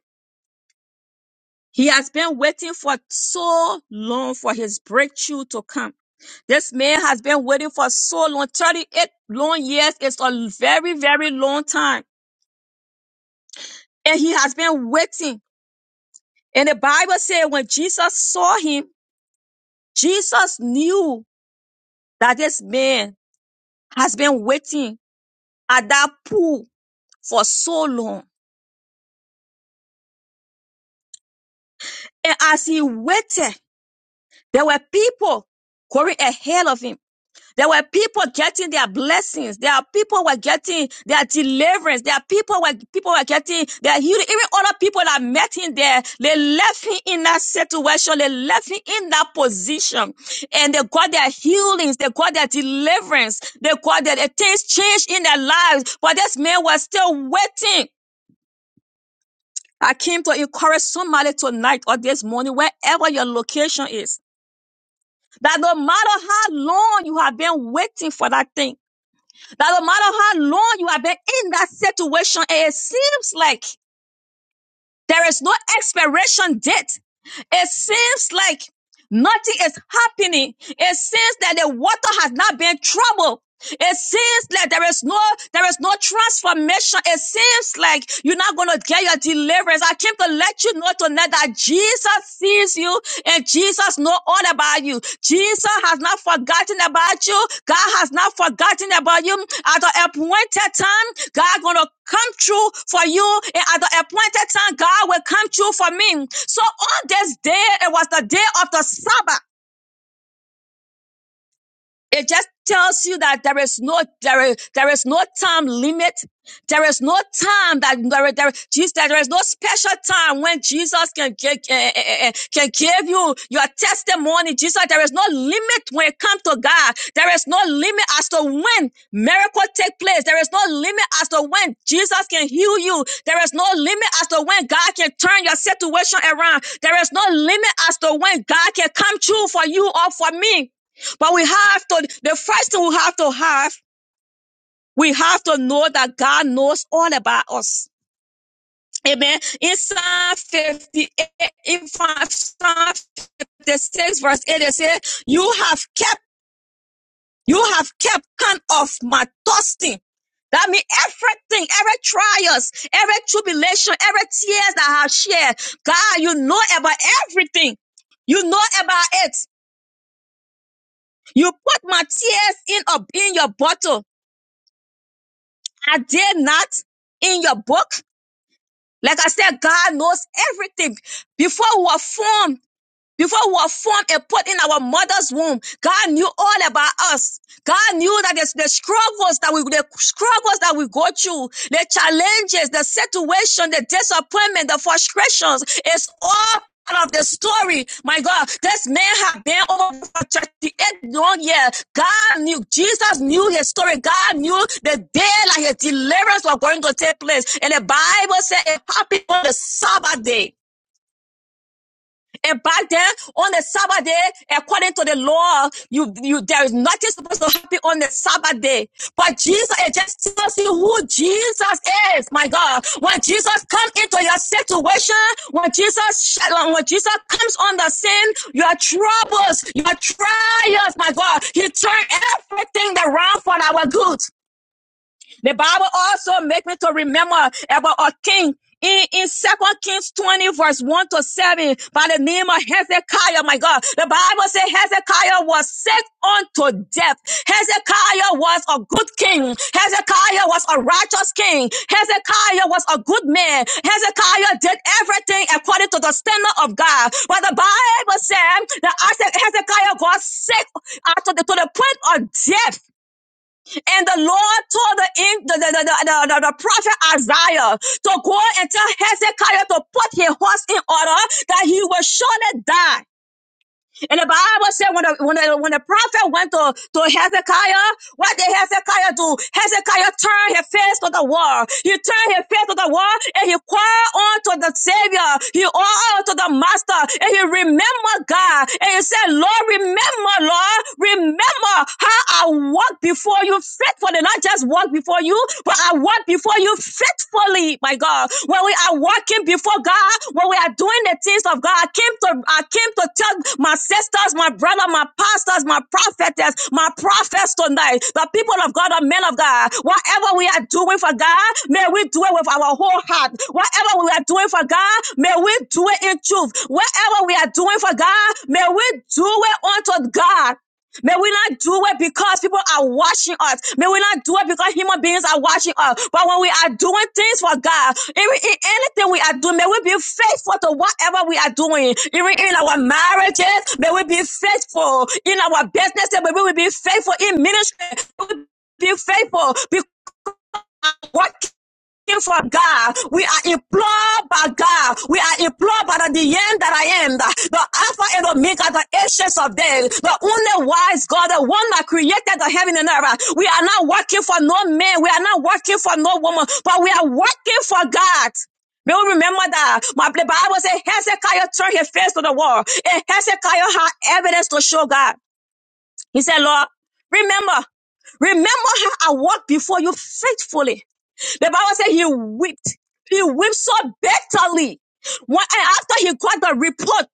he has been waiting for so long for his breakthrough to come. This man has been waiting for so long. 38 long years is a very, very long time. And he has been waiting. And the Bible said when Jesus saw him, Jesus knew that this man has been waiting at that pool for so long. And as he waited, there were people going ahead of him There were people getting their blessings. There are people were getting their deliverance. There are people were people were getting their healing. Even other people that met him there, they left him in that situation. They left him in that position, and they got their healings. They got their deliverance. They got their, their things changed in their lives. But this man was still waiting. I came to encourage somebody tonight or this morning, wherever your location is, that no matter how long you have been waiting for that thing. That no matter how long you have been in that situation, and it seems like there is no expiration date. It seems like nothing is happening. It seems that the water has not been troubled. It seems like there is no there is no transformation. It seems like you're not gonna get your deliverance. I came to let you know tonight that Jesus sees you and Jesus knows all about you. Jesus has not forgotten about you. God has not forgotten about you. At the appointed time, God gonna come true for you, and at the appointed time, God will come true for me. So on this day, it was the day of the Sabbath. It just tells you that there is no there is, there is no time limit. There is no time that there, there, Jesus, there is no special time when Jesus can, can can can give you your testimony. Jesus, there is no limit when it comes to God. There is no limit as to when miracle take place. There is no limit as to when Jesus can heal you. There is no limit as to when God can turn your situation around. There is no limit as to when God can come true for you or for me. But we have to, the first thing we have to have, we have to know that God knows all about us. Amen. In Psalm 58, in Psalm Psalm 56 verse 8, it says, you have kept, you have kept count of my trusting. That means everything, every trials, every tribulation, every tears that I have shared. God, you know about everything. You know about it. You put my tears in a in your bottle. Are did not in your book. Like I said, God knows everything before we were formed. Before we were formed and put in our mother's womb, God knew all about us. God knew that the, the struggles that we, the struggles that we go through, the challenges, the situation, the disappointment, the frustrations, it's all part of the story. My God, this man had been over for 38 long years. God knew, Jesus knew his story. God knew the day that his deliverance was going to take place. And the Bible said it happened on the Sabbath day. And back then, on the Sabbath day, according to the law, you, you, there is nothing supposed to happen on the Sabbath day. But Jesus, it just tells you who Jesus is. My God, when Jesus comes into your situation, when Jesus, when Jesus comes on the scene, your troubles, your trials, my God, He turned everything around for our good. The Bible also makes me to remember about a king in, in Second Kings 20 verse 1 to 7 by the name of Hezekiah, my God. The Bible says Hezekiah was sick unto death. Hezekiah was a good king. Hezekiah was a righteous king. Hezekiah was a good man. Hezekiah did everything according to the standard of God. But the Bible said that Hezekiah got sick uh, to the, to the point of death. And the Lord told the, the, the, the, the, the, the prophet Isaiah to go and tell Hezekiah to put his horse in order that he will surely die. And the Bible said when the, when the, when the prophet went to, to Hezekiah, what did Hezekiah do? Hezekiah turned his face to the wall. He turned his face to the wall and he cried on to the Savior. He cried on to the Master and he remembered God. And he said, Lord, remember, Lord, remember how I walked before you faithfully. Not just walked before you, but I walked before you faithfully fully, my God. When we are walking before God, when we are doing the things of God, I came to I came to tell my sisters, my brother, my pastors, my prophetess, my prophets tonight, the people of God, the men of God, whatever we are doing for God, may we do it with our whole heart. Whatever we are doing for God, may we do it in truth. Whatever we are doing for God, may we do it unto God. May we not do it because people are watching us. May we not do it because human beings are watching us. But when we are doing things for God, even in anything we are doing, may we be faithful to whatever we are doing. Even in our marriages, may we be faithful. In our businesses, may we be faithful in ministry. May we be faithful. Be- what for God. We are implored by God. We are implored by the, the end that I am, the, Alpha and Omega, the essence of days, the only wise God, the one that created the heaven and earth. We are not working for no man. We are not working for no woman, but we are working for God. May we remember that my Bible says Hezekiah turned his face to the wall, and Hezekiah had evidence to show God. He said, Lord, remember, remember how I walked before you faithfully. The Bible said he wept. He wept so bitterly. When, and after he got the report,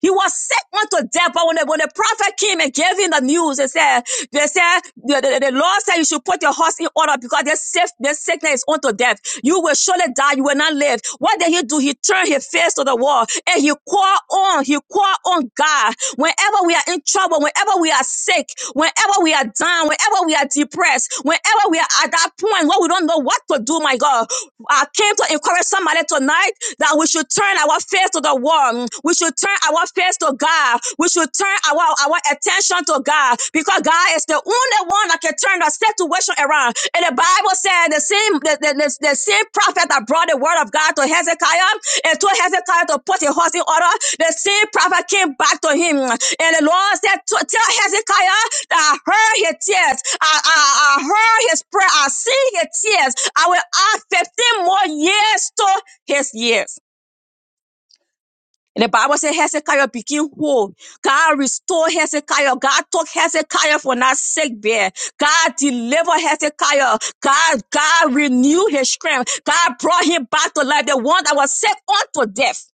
he was sick unto death, but when the, when the prophet came and gave him the news, they said, they said, the, the, the Lord said you should put your horse in order because this, sick, this sickness is unto death. You will surely die. You will not live. What did he do? He turned his face to the wall and he called on, he called on God. Whenever we are in trouble, whenever we are sick, whenever we are down, whenever we are depressed, whenever we are at that point where we don't know what to do, my God, I came to encourage somebody tonight that we should turn our face to the the world. We should turn our face to God. We should turn our, our attention to God because God is the only one that can turn the situation around. And the Bible said the same the, the, the, the same prophet that brought the word of God to Hezekiah and told Hezekiah to put his house in order. The same prophet came back to him. And the Lord said, to, Tell Hezekiah that I heard his tears. I, I, I heard his prayer. I see his tears. I will add 15 more years to his years. And the Bible said Hezekiah became whole. God restored Hezekiah. God took Hezekiah from that sick bed. God delivered Hezekiah. God, God renewed his strength. God brought him back to life. The one that was sick unto death.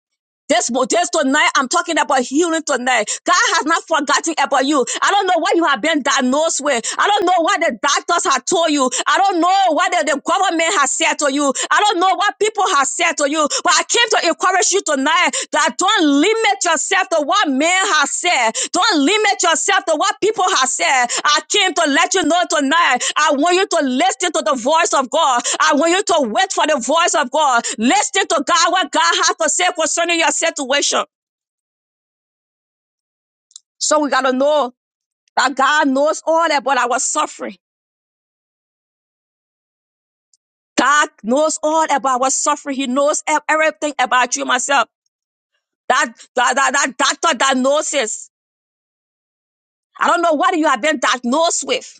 This, mo- this tonight, I'm talking about healing tonight. God has not forgotten about you. I don't know what you have been diagnosed with. I don't know what the doctors have told you. I don't know what the, the government has said to you. I don't know what people have said to you. But I came to encourage you tonight that." Don't limit yourself to what man has said. Don't limit yourself to what people have said. I came to let you know tonight. I want you to listen to the voice of God. I want you to wait for the voice of God. Listen to God, what God has to say concerning your situation. So we got to know that God knows all about our suffering. God knows all about our suffering. He knows ev- everything about you, myself. That, that, that, that doctor diagnosis. I don't know what you have been diagnosed with.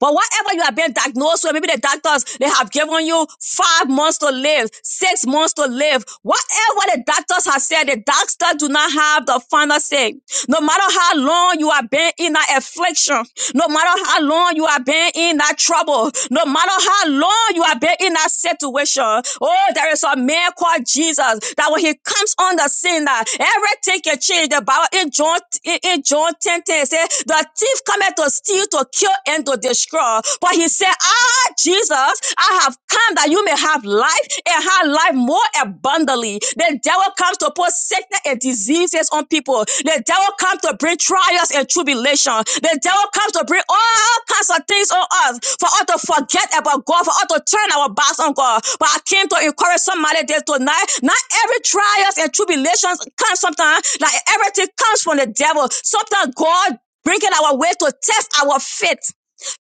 But whatever you have been diagnosed with, maybe the doctors they have given you five months to live, six months to live. Whatever the doctors have said, the doctors do not have the final say. No matter how long you have been in that affliction, no matter how long you have been in that trouble, no matter how long you have been in that situation. Oh, there is a man called Jesus that when he comes on the scene, that everything can change. The Bible in John in in John 10 10 says the thief cometh to to steal, to kill, and to destroy. But he said, Ah, Jesus, I have come that you may have life and have life more abundantly. The devil comes to put sickness and diseases on people. The devil comes to bring trials and tribulation. The devil comes to bring all kinds of things on us for us to forget about God, for us to turn our backs on God. But I came to encourage somebody there tonight. Not every trials and tribulations come sometimes, like everything comes from the devil. Sometimes God bringing our way to test our faith,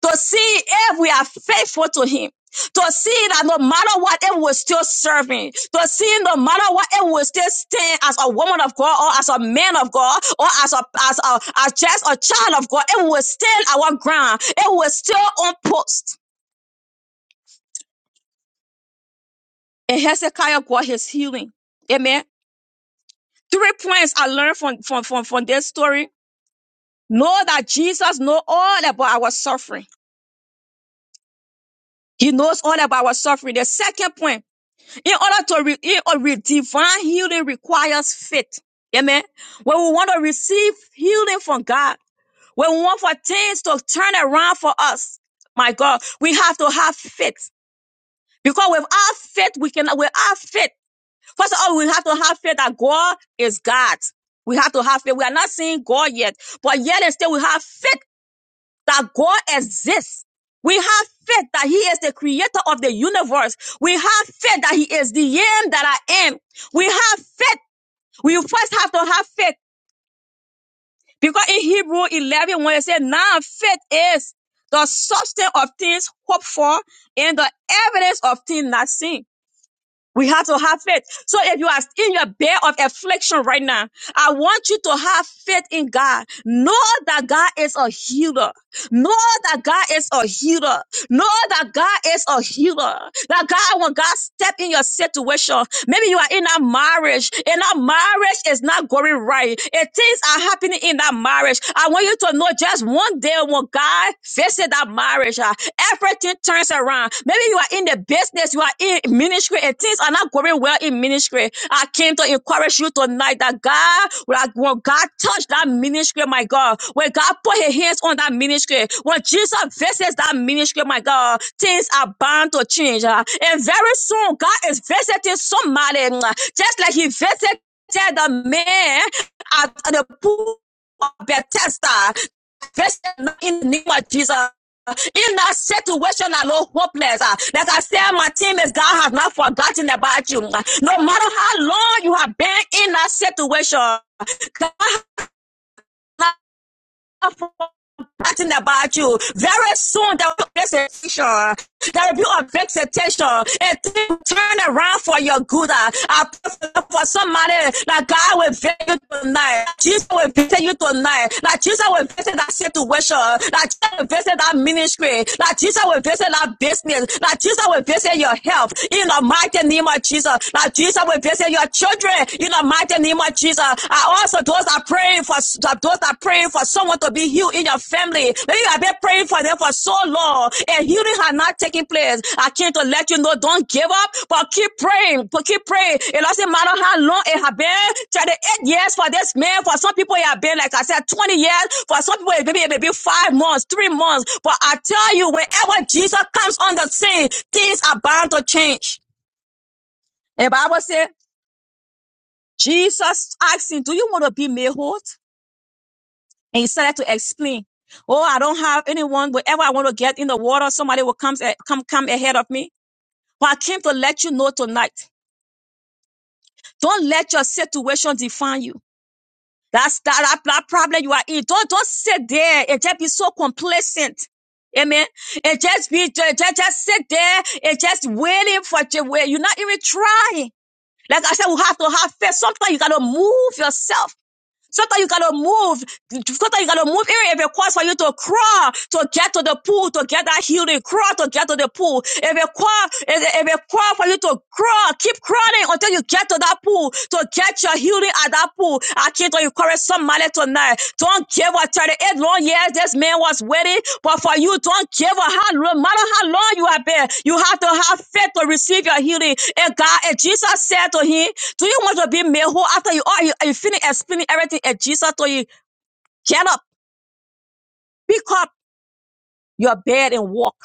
to see if we are faithful to Him. To see that no matter what, it will still serve him. To see no matter what, it will still stand as a woman of God or as a man of God or as a, as a, as just a child of God. It will stand our ground. It will still on post. And Hezekiah got his healing. Amen. Three points I learned from, from, from, from this story. Know that Jesus knows all about our suffering. He knows all about our suffering. The second point, In order to re- in or divine healing requires faith. Amen. When we want to receive healing from God, when we want for things to turn around for us, my God, we have to have faith. Because without faith, we cannot, without faith, first of all, we have to have faith that God is God. We have to have faith. We are not seeing God yet, but yet and still we have faith that God exists. We have faith that He is the creator of the universe. We have faith that He is the I am that I am. We have faith. We first have to have faith because in Hebrew 11, when it says, now faith is the substance of things hoped for and the evidence of things not seen we have to have faith. So if you are in your bed of affliction right now, I want you to have faith in God. Know that God is a healer. Know that God is a healer. Know that God is a healer. That God, when God step in your situation, maybe you are in a marriage and that marriage is not going right. And things are happening in that marriage. I want you to know just one day when God visit that marriage, ah, everything turns around. Maybe you are in the business, you are in in ministry and things are not going well in ministry. I came to encourage you tonight that God, when when God touched that ministry, my God, when God put his hands on that ministry, when Jesus visits that ministry, my God, things are bound to change. ah. And very soon, God is visiting somebody, mwah, just like he visited the man at the pool of Bethesda manifest in the name of Jesus. In that situation, I know hopeless. Uh, Like I said, my team is God has not forgotten about you. No matter how long you have been in that situation, God has not Nothing about you. Very soon there will be vexation. There will be a vexation. And will turn around for your good. Uh, I pray for, for somebody that God will visit you tonight. Jesus will visit you tonight. That Jesus will visit that situation. That Jesus will visit that ministry. That Jesus will visit that business. That Jesus will visit your health. In the mighty name of Jesus. That Jesus will visit your children. In the mighty name of Jesus. I also those that are praying for those that are praying for someone to be healed in your family. Maybe you have been praying for them for so long and healing has not taken place. I came to let you know, don't give up, but keep praying, but keep praying. It doesn't matter how long it has been. 38 years for this man. For some people, it has been, like I said, 20 years. For some people, it maybe it may be five months, three months. But I tell you, whenever Jesus comes on the scene, things are bound to change. And The Bible says, Jesus asked him, Do you want to be made whole? And he started to explain, "Oh, I don't have anyone. Wherever I want to get in the water, somebody will come eh, come come ahead of me. But I came to let you know tonight. Don't let your situation define you. That's that, that, that problem you are in. Don't don't sit there and just be so complacent." Amen. And just be just, just just sit there and just waiting for your way. You're not even trying. Like I said, we have to have faith. Sometimes you gotta move yourself. so that you gotta move, so that you gotta move. Even if it requires for you to crawl to get to the pool, to get that healing, crawl to get to the pool. If it requires, if it if it requires for you to crawl, keep crawling until you get to that pool, to get your healing at that pool. I came to encourage somebody mighty tonight. Don't give up 38 long years this man was waiting, but for you, don't give up how long, matter how long you have been. You have to have faith to receive your healing. And God, and Jesus said to him, Do you want to be made whole after you are you, you finish explaining everything? And Jesus told you, Get up, pick up your bed and walk.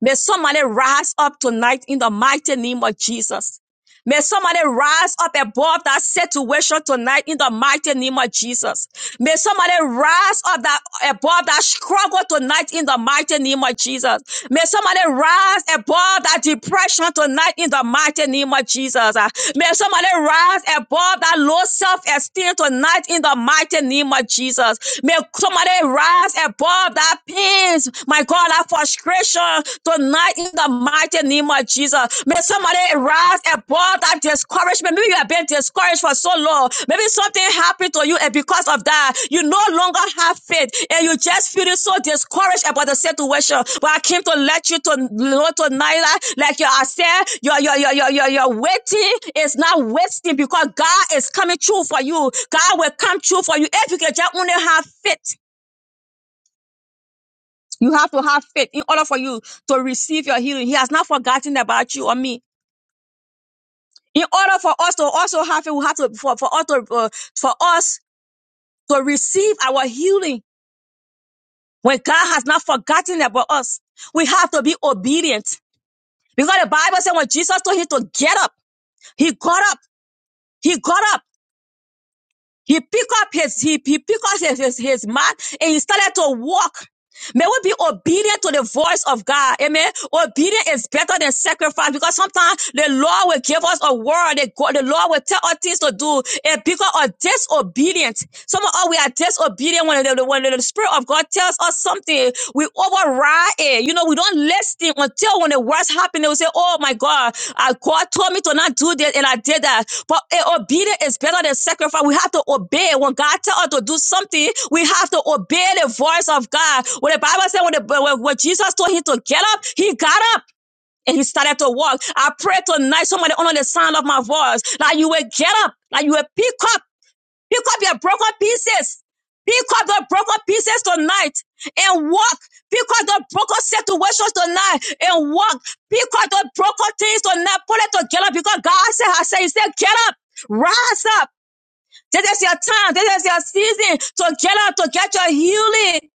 May somebody rise up tonight in the mighty name of Jesus. May somebody rise up above that situation tonight in the mighty name of Jesus. May somebody rise up that above that struggle tonight in the mighty name of Jesus. May somebody rise above that depression tonight in the mighty name of Jesus. Ah, May somebody rise above that low self-esteem tonight in the mighty name of Jesus. May somebody rise above that pains, my God, that frustration tonight in the mighty name of Jesus. May somebody rise above that discouragement. Maybe you have been discouraged for so long. Maybe something happened to you, and because of that, you no longer have faith, and you just feel so discouraged about the situation. But I came to let you to know tonight, that, like you are saying, your your your your your your waiting is not wasting because God is coming true for you. God will come true for you if you can just only have faith. You have to have faith in order for you to receive your healing. He has not forgotten about you or me. In order for us to also have it, we have to for, for us to uh, for us to receive our healing. When God has not forgotten about us, we have to be obedient. Because the Bible said when Jesus told him to get up, he got up. He got up. He picked up his he, he picked up his, his, his mat and he started to walk. May we be obedient to the voice of God. Amen. Obedience is better than sacrifice because sometimes the Lord will give us a word. that God, the Lord will tell us things to do. And because of disobedience, some of us we are disobedient when the, when the Spirit of God tells us something, we override it. You know, we don't listen until when the worst happen, they will say, Oh my God, I, God told me to not do this and I did that. But eh, obedience is better than sacrifice. We have to obey. When God tell us to do something, we have to obey the voice of God. When the Bible said, when, the, when, when Jesus told him to get up, he got up. And he started to walk. I pray tonight, somebody under the sound of my voice, that you will get up, that you will pick up Pick up your broken pieces. Pick up the broken pieces tonight and walk. Pick up the broken situations tonight and walk. Pick up the broken things tonight. Put it together because God said, I said, He said, get up, rise up. This is your time. This is your season to get out, to get your healing.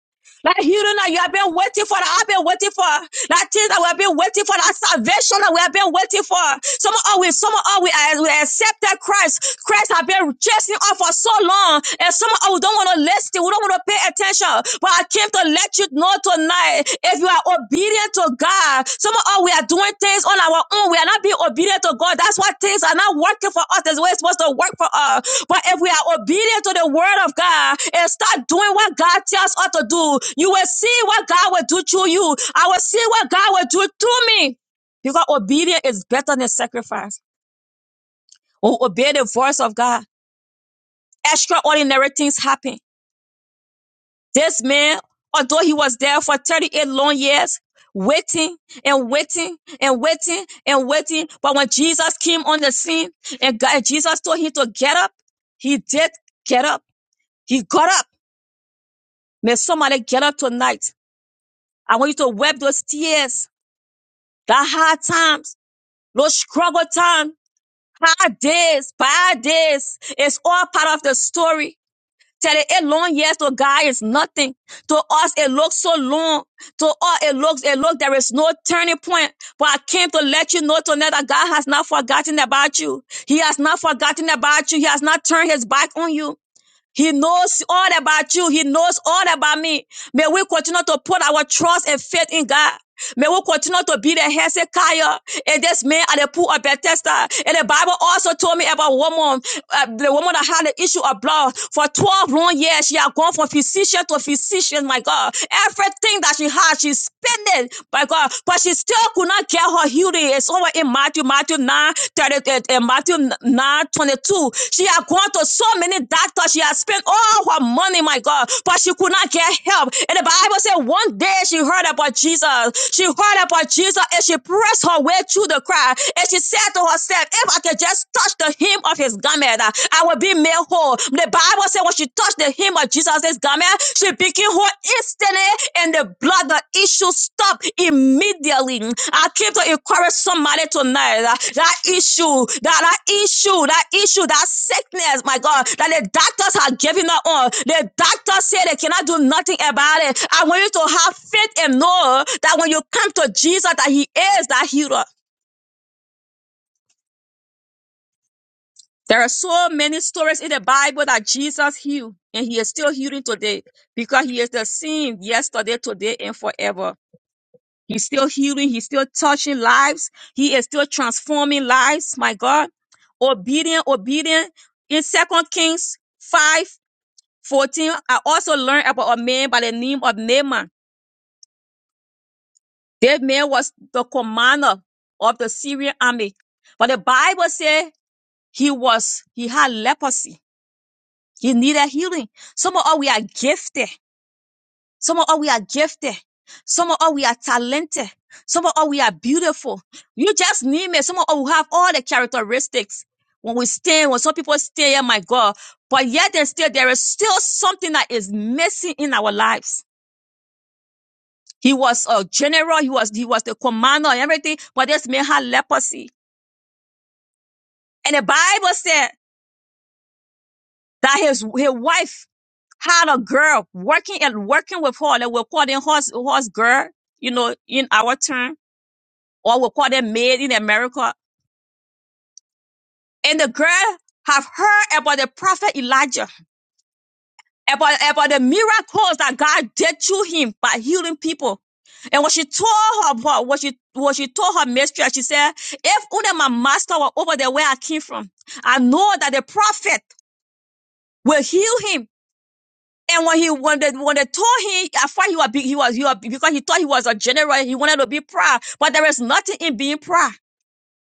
like healing that you have been waiting for, that I've been waiting for, that Things that we have been waiting for, that salvation that we have been waiting for. Some of us, some of us, we, uh, we accepted Christ. Christ have been chasing us for so long, and some of us don't want to listen. We don't want to pay attention. But I came to let you know tonight. If you are obedient to God. Some of us, we are doing things on our own. We are not being obedient to God. That's why things are not working for us. That's the way it's supposed to work for us. But if we are obedient to the word of God and start doing what God tells us to do, you will see what God will do to you. I will see what God will do to me. Because obedience is better than sacrifice. When we obey the voice of God, extraordinary things happen. This man, although he was there for 38 long years, waiting and waiting and waiting and waiting, but when Jesus came on the scene and, God, and Jesus told him to get up, he did get up. He got up. May somebody get up tonight. I want you to wipe those tears, the hard times, those struggle times, hard days, bad days. It's all part of the story. Tell it, it long years to God is nothing. To us, it looks so long. To us, it looks, it looks, there is no turning point. But I came to let you know tonight that God has not forgotten about you. He has not forgotten about you. He has not turned his back on you. He knows all about you. He knows all about me. May we continue to put our trust and faith in God. May we continue to be the Hezekiah and this man at the pool of Bethesda. And the Bible also told me about a woman, uh, the woman that had the issue of blood for 12 long years. She had gone from physician to physician, my God. Everything that she had, she spent it, my God. But she still could not get her healing. It's over in Matthew, Matthew nine thirty 30, uh, uh, Matthew 9, are 22. She had gone to so many doctors. She had spent all her money, my God, but she could not get help. And the Bible said one day she heard about Jesus. She heard about Jesus and she pressed her way through the crowd. And she said to herself, if I could just touch the hem of his garment, uh, I will be made whole. The Bible said when she touched the hem of Jesus' garment, she became her instantly and the blood, the issue stop immediately. I came to encourage somebody tonight uh, that issue, that, that issue, that issue, that sickness, my God, that the doctors are giving up on. The doctors say they cannot do nothing about it. I want you to have faith and know that when you come to Jesus, that He is that healer. There are so many stories in the Bible that Jesus healed, and He is still healing today because He is the same yesterday, today, and forever. He's still healing. He's still touching lives. He is still transforming lives. My God. Obedient, obedient. In Second Kings 5 14, I also learned about a man by the name of Naaman. That man was the commander of the Syrian army. But the Bible said he was, he had leprosy. He needed healing. Some of us, we are gifted. Some of us, we are gifted. Some of us, we are talented. Some of us, we are beautiful. You just name it. Some of us, we have all the characteristics. When we stay, when some people stay here, my God, but yet and still, there is still something that is missing in our lives. He was a general. He was, he was the commander and everything, but this man had leprosy. And the Bible said that his, his wife had a girl working and working with her. They were calling horse, horse girl, you know, in our term or we call them maid in America. And the girl have heard about the prophet Elijah, about, about the miracles that God did through him by healing people. And when she told her, her- what she what she told her mistress, she said, "If only my master were over there where I came from, I know that the prophet will heal him." And when he when they, when they told him, at first he was big, he was he was because he thought he was a general, he wanted to be proud, but there is nothing in being proud.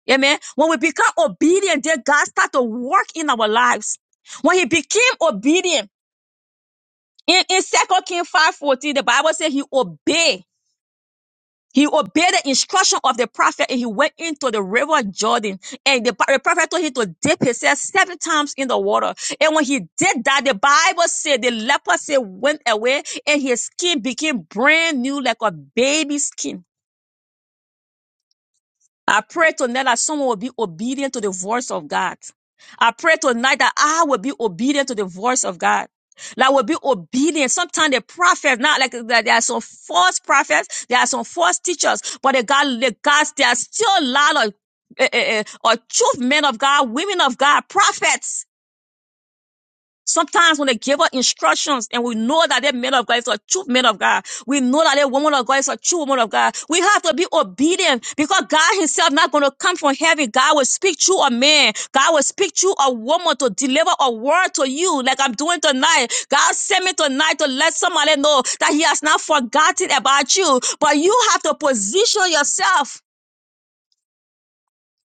Amen. When we become obedient, then God start to work in our lives. When he became obedient, in, in Second Kings 5.14, the Bible says he obeyed. He obeyed the instruction of the prophet and he went into the river Jordan. And the, the prophet told him to dip himself seven times in the water. And when he did that, the Bible said the leper leprosy went away and his skin became brand new like a baby skin. I pray tonight that someone will be obedient to the voice of God. I pray tonight that I will be obedient to the voice of God. That will be obedient. Sometimes the prophets, not like that there are some false prophets, there are some false teachers, but the God, the gods, they are still a lot of, eh, eh, eh, or truth men of God, women of God, prophets. Sometimes when they give us instructions and we know that that man of God is a true man of God, we know that that woman of God is a true woman of God, we have to be obedient because God himself not going to come from heaven. God will speak through a man. God will speak through a woman to deliver a word to you like I'm doing tonight. God sent me tonight to let somebody know that he has not forgotten about you, but you have to position yourself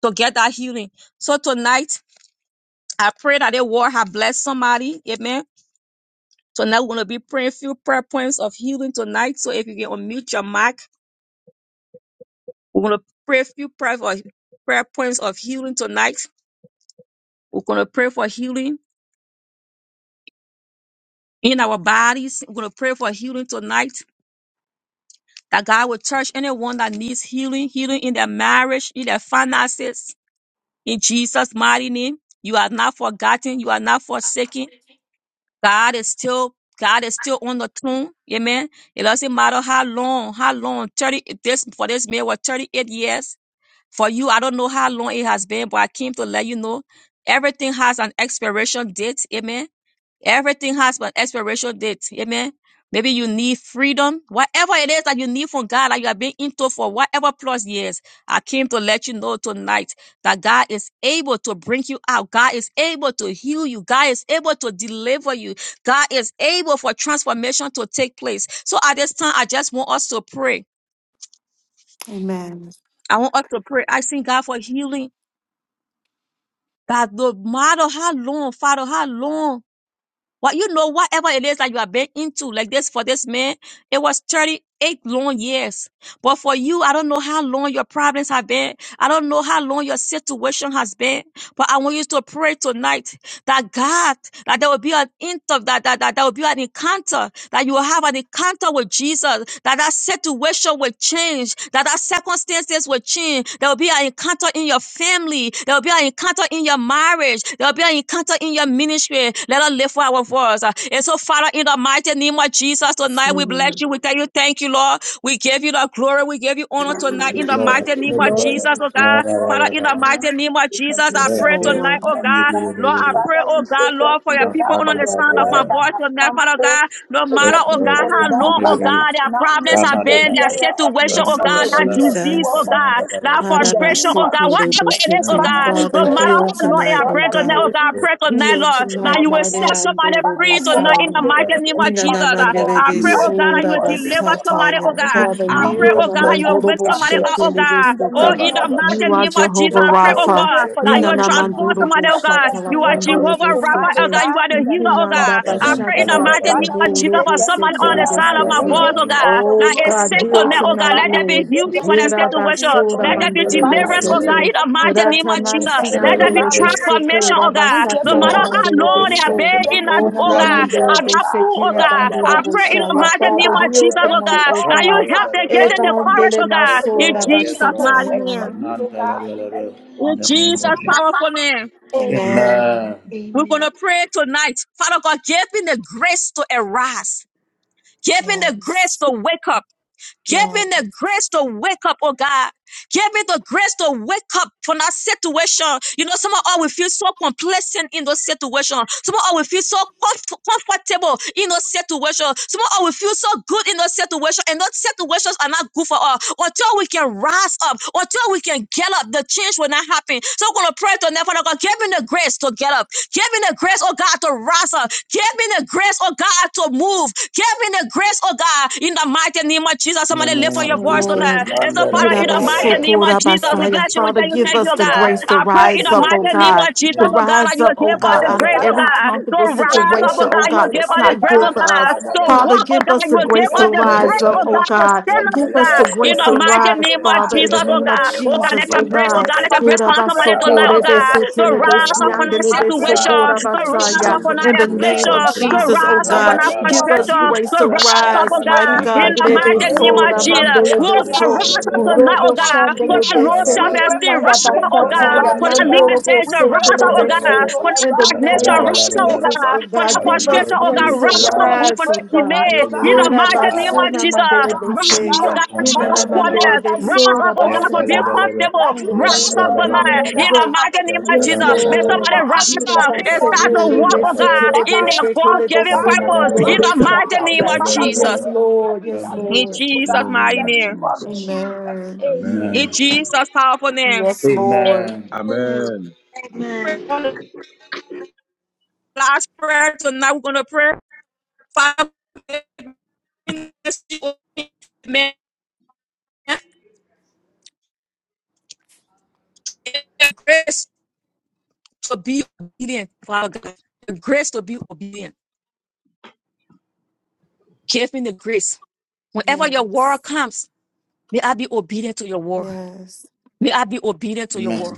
to get that healing. So tonight, I pray that the word have blessed somebody. Amen. So now we're going to be praying a few prayer points of healing tonight. So if you can unmute your mic, we're going to pray a few prayer, for, prayer points of healing tonight. We're going to pray for healing in our bodies. We're going to pray for healing tonight. That God will touch anyone that needs healing, healing in their marriage, in their finances, in Jesus' mighty name. You are not forgotten. You are not forsaken. God is still, God is still on the throne. Amen. It doesn't matter how long, how long, 30, this, for this man was 38 years. For you, I don't know how long it has been, but I came to let you know everything has an expiration date. Amen. Everything has an expiration date. Amen. Maybe you need freedom, whatever it is that you need from God that you have been into for whatever plus years. I came to let you know tonight that God is able to bring you out. God is able to heal you. God is able to deliver you. God is able for transformation to take place. So at this time, I just want us to pray. Amen. I want us to pray asking God for healing. That the model, how long, Father, how long what you know, whatever it is that you have been into, like this for this man, it was 38 long years. But for you, I don't know how long your problems have been. I don't know how long your situation has been. But I want you to pray tonight that God, that there will be an inter, that, that, that there will be an encounter, that you will have an encounter with Jesus, that that situation will change, that that circumstances will change. There will be an encounter in your family. There will be an encounter in your marriage. There will be an encounter in your ministry. Let us live for our power for us. Uh, And so, Father, in the mighty name of Jesus, Yes, tonight we bless Lord. you. We tell you, thank you, Lord. We give you the glory. We give you honor Glory, we tonight Yes, in the give Lord. mighty name Yes, of Lord. Jesus, oh Ah, da, you God. all da, Father, da, the in da, the da. honor mighty name in of the Jesus, I name Yes, Yes, of pray Lord. tonight, Lord. Jesus, oh Now, O me, God. do, God. do, do, Lord, do, I do. pray, Father, we oh God, say thank Lord, for you, your O Ah, God, people ah, under for da, the your da, da, sound of da, my da. word that voice has tonight, come Father forth God. No to Yes, matter, your oh Lord. God, people, O how Now, me, God. long, do, do, oh do. Father, do. we God, their should not only problems Ra, be ba, have da, the da, been, da, their da. hearer of situation, Ra, it, oh Yes, na, but Lord ra, God, to ba, that be da, a da. disease, doer Ra, Jesus. oh for na, God, ra, ba, da, that da. it in Father, the frustration, name oh of God, whatever Jesus. it is, oh Ra, na, Father, God, ra, we ba, no da, pray, matter O da. heal God, how that long we it tonight, has oh God been that God. you tonight, will oh Yes, God, I bring Lord. pray tonight, Heal Lord, restoration in that tonight, you our will Mare set life. and somebody Father, free that you Ah, da, will tonight in da, the Dorobosaya. uplift da, mighty da. name of Jesus. us, O Yes, I yes. God. I Inanamandelebe pray, oh Father, God, that that you you Sura will will Ah, yes. deliver somebody, deliver oh us Basataya. God. Father, I Everything pray, heal that us oh God, we from that have you will wake every Namandorobo somebody encountered. up, oh affliction God. in the Oh, Ra, Shekelebesute. name ba, in the da, of ba, da. mighty You are name of Jesus. Jesus, Jehovah Yes, I pray, Father, oh we Lord. Rapha. pray God, Yes, for that your you will Lord. healing. Now, transform me, do, do, do. We Ninanamandorobo somebody, pray oh for God. your You Shatala you Ra, are na, ra, ba, da, deliverance da. Jehovah Rapha, tonight, oh oh Pandelebesute. God. You are God, the in the healer, oh name of God. Ikunanda I Ra, pray in Jesus. the Bashatala ba, da, mighty da, da, name Father, of da. we Jesus say for Pandorobo thank somebody you, oh on the Yes, God. side of my We sete. voice, give oh you Lord. all God. the Now Oh glory, it's God, sick oh to heal me, God. Yes, oh God. tonight, Let there Father, we be Lord. say healing for thank that you for your situation. Yerabasura Let deliverance. there be Father deliverance, oh God, sete. in Jesus, the we mighty name thank of you. We Ratamansi Jesus. thank you, Let there oh be Ratamansiandele God, de for your Suku, word. transformation, oh God. We give No you Rabasatala matter Lord. all how the Pandele long de In they glory. have So, been in Thank us, you, oh Onana God, Jesus, Mandele I'm de oh not God. fool, oh Sekila Thank God. you for Banduro I pray in using the Boshaya. us, mighty oh Father, name of God. heal Jesus, Thank oh tonight, you, God. O Lord Now you God. help Father. them, give Thank them you the for courage, Evangele oh making us God. to be Maso In Jesus' patient to mighty wait for Rabasataya. name. you, oh God, in the name In of the name of Jesus' Jesus. Jesus. powerful name. Amen. Amen. Amen. We're going Amen. to pray tonight. Father God, give me the grace to arise. Give me the grace Yes. to wake up. Give me the Yes. grace to wake up, oh God. Give me the grace to wake up from that situation. You know, some of us will feel so complacent in those situations. Some of us will feel so comf- comfortable in those situations. Some of us will feel so good in those situations, and those situations are not good for us. Until we can rise up, until we can get up, the change will not happen. So I'm gonna pray to Never God. Give me the grace to get up. Give me the grace, oh God, to rise up. Give me the grace, oh God, to move. Give me the grace, oh God, in the mighty name of Jesus. In the Somebody lift name up Yes, your of voice tonight. Jesus, Lord. And man, so, da, da, Father, da, in Father, da, the da, da, mighty da. name of Jesus, we Father, Yurabasokora-basaya. bless give you. us We Father, the thank you, give thank grace you, us oh the to God. grace rise. to I pray in rise the Give up, us oh the mighty name grace God. of to Jesus, To oh move. God, that rise you up, will oh give Man, us God, da, the da, out da, of grace, da, oh da. every as God, we to comfortable begin to Ra, da, rise pray, da, up, oh situation, oh da, oh God. da, God, You da. God, will give that's us tonight, the oh not grace, Ra, good oh God, for God, us. da, da, da, Father to da, da. God, Father, walk, oh give give God. us us You the the will Eh, give grace grace to oh, us the da, da, to rise grace, da, da, up, oh wake da. oh God, up. to Give God. stand Yeah, us up, da, the oh Give da, us da, da, God. the grace da, to In grace da, the to da. mighty arise, rise, oh name Yeah, of God, Father, da, in da, the Jesus, da, in oh name da, of da, the God. da. name Oh God, of Jesus, let Yeah, oh your da, da, grace, Jesus. oh da, God. God, da, let da. your Father, grace Ora I find pray somebody Ra, for ba, your tonight, da, oh basokore ba, da, grace, God, ba. to oh besetele Ikapa Father, rise up give Arise. us on the our besiandele I grace to pray for situation, rise. your besokora to grace, oh Give rise basaya. God, up us on the for our my In the grace to children name to affliction, of to arise Jesus, oh rise in up on the God, our name give of Rabalaba, us frustration, grace Jesus. to to rise Father, up, we rise, oh pray God. Rapalabalaba, mighty In God. tonight the for your yes mighty the grace. name of Rebesora Alabalaba, Your Jesus. mandele grace, Oh oh yes God, beso. God, rise up in the Alabalaba, tonight, oh Urobo name of God, for shandele that Jesus. low We besete Rapalabalaba, pray self-esteem, for inanda your rise up, grace and oh to God, basataya arise, for oh that Alabalabalaba, mandoro God. We limitation, pray rise and for bosetele up, oh your God, grace Alabalaba, bese. to for that In the arise, oh stagnation, name of God, rise up, oh in the Rapalabalaba. Jesus, God, oh for mighty God, that Father, give name of us frustration, give the oh God, grace grace to to Jesus. rise up, oh God, We rise. for rise, oh that pray God. delay. tonight, oh Give the In God. the grace Ora to mighty Father, name that of rise. basuna we will Jesus, mandele arise, rise oh Mandiri up, bese. oh God. God, for that Father, Minana and know Pandalabalaba. mandele backwardness, that you rise beso are up, oh God, God, for oh being rabasata. God. Yetalabalaba, comfortable, That In the you will rise name up of show up, tonight. oh yetalabalabalaba, In the God, Jesus. at mighty the name of Yes, place, in Jesus, the Father, may Lord. yetalabalabalaba, somebody for us rise in the up name and of start to walk, oh Yes, Jesus. God, yetalabalabalaba, Father, in their help us, oh God-given God, to purpose. In yatayabalabalaba, arise, the oh mighty God. name of Father, to Jesus. yetalabalabalaba, yatalabalaba. face Lord. every Yes, In challenge, Amen. Lord. oh Jesus' God, in name mighty the of name. name of Jesus. Jesus. Amen. In Amen. Amen. Jesus' powerful name. Yes, Lord. Amen. Amen. Amen. Pray on the last prayer tonight. We're gonna pray five minutes to be obedient, Father God. The grace to be obedient. Give me the grace. Whenever your Yes. word comes, may I be obedient to your word. Yes. May I be obedient to your Amen. word.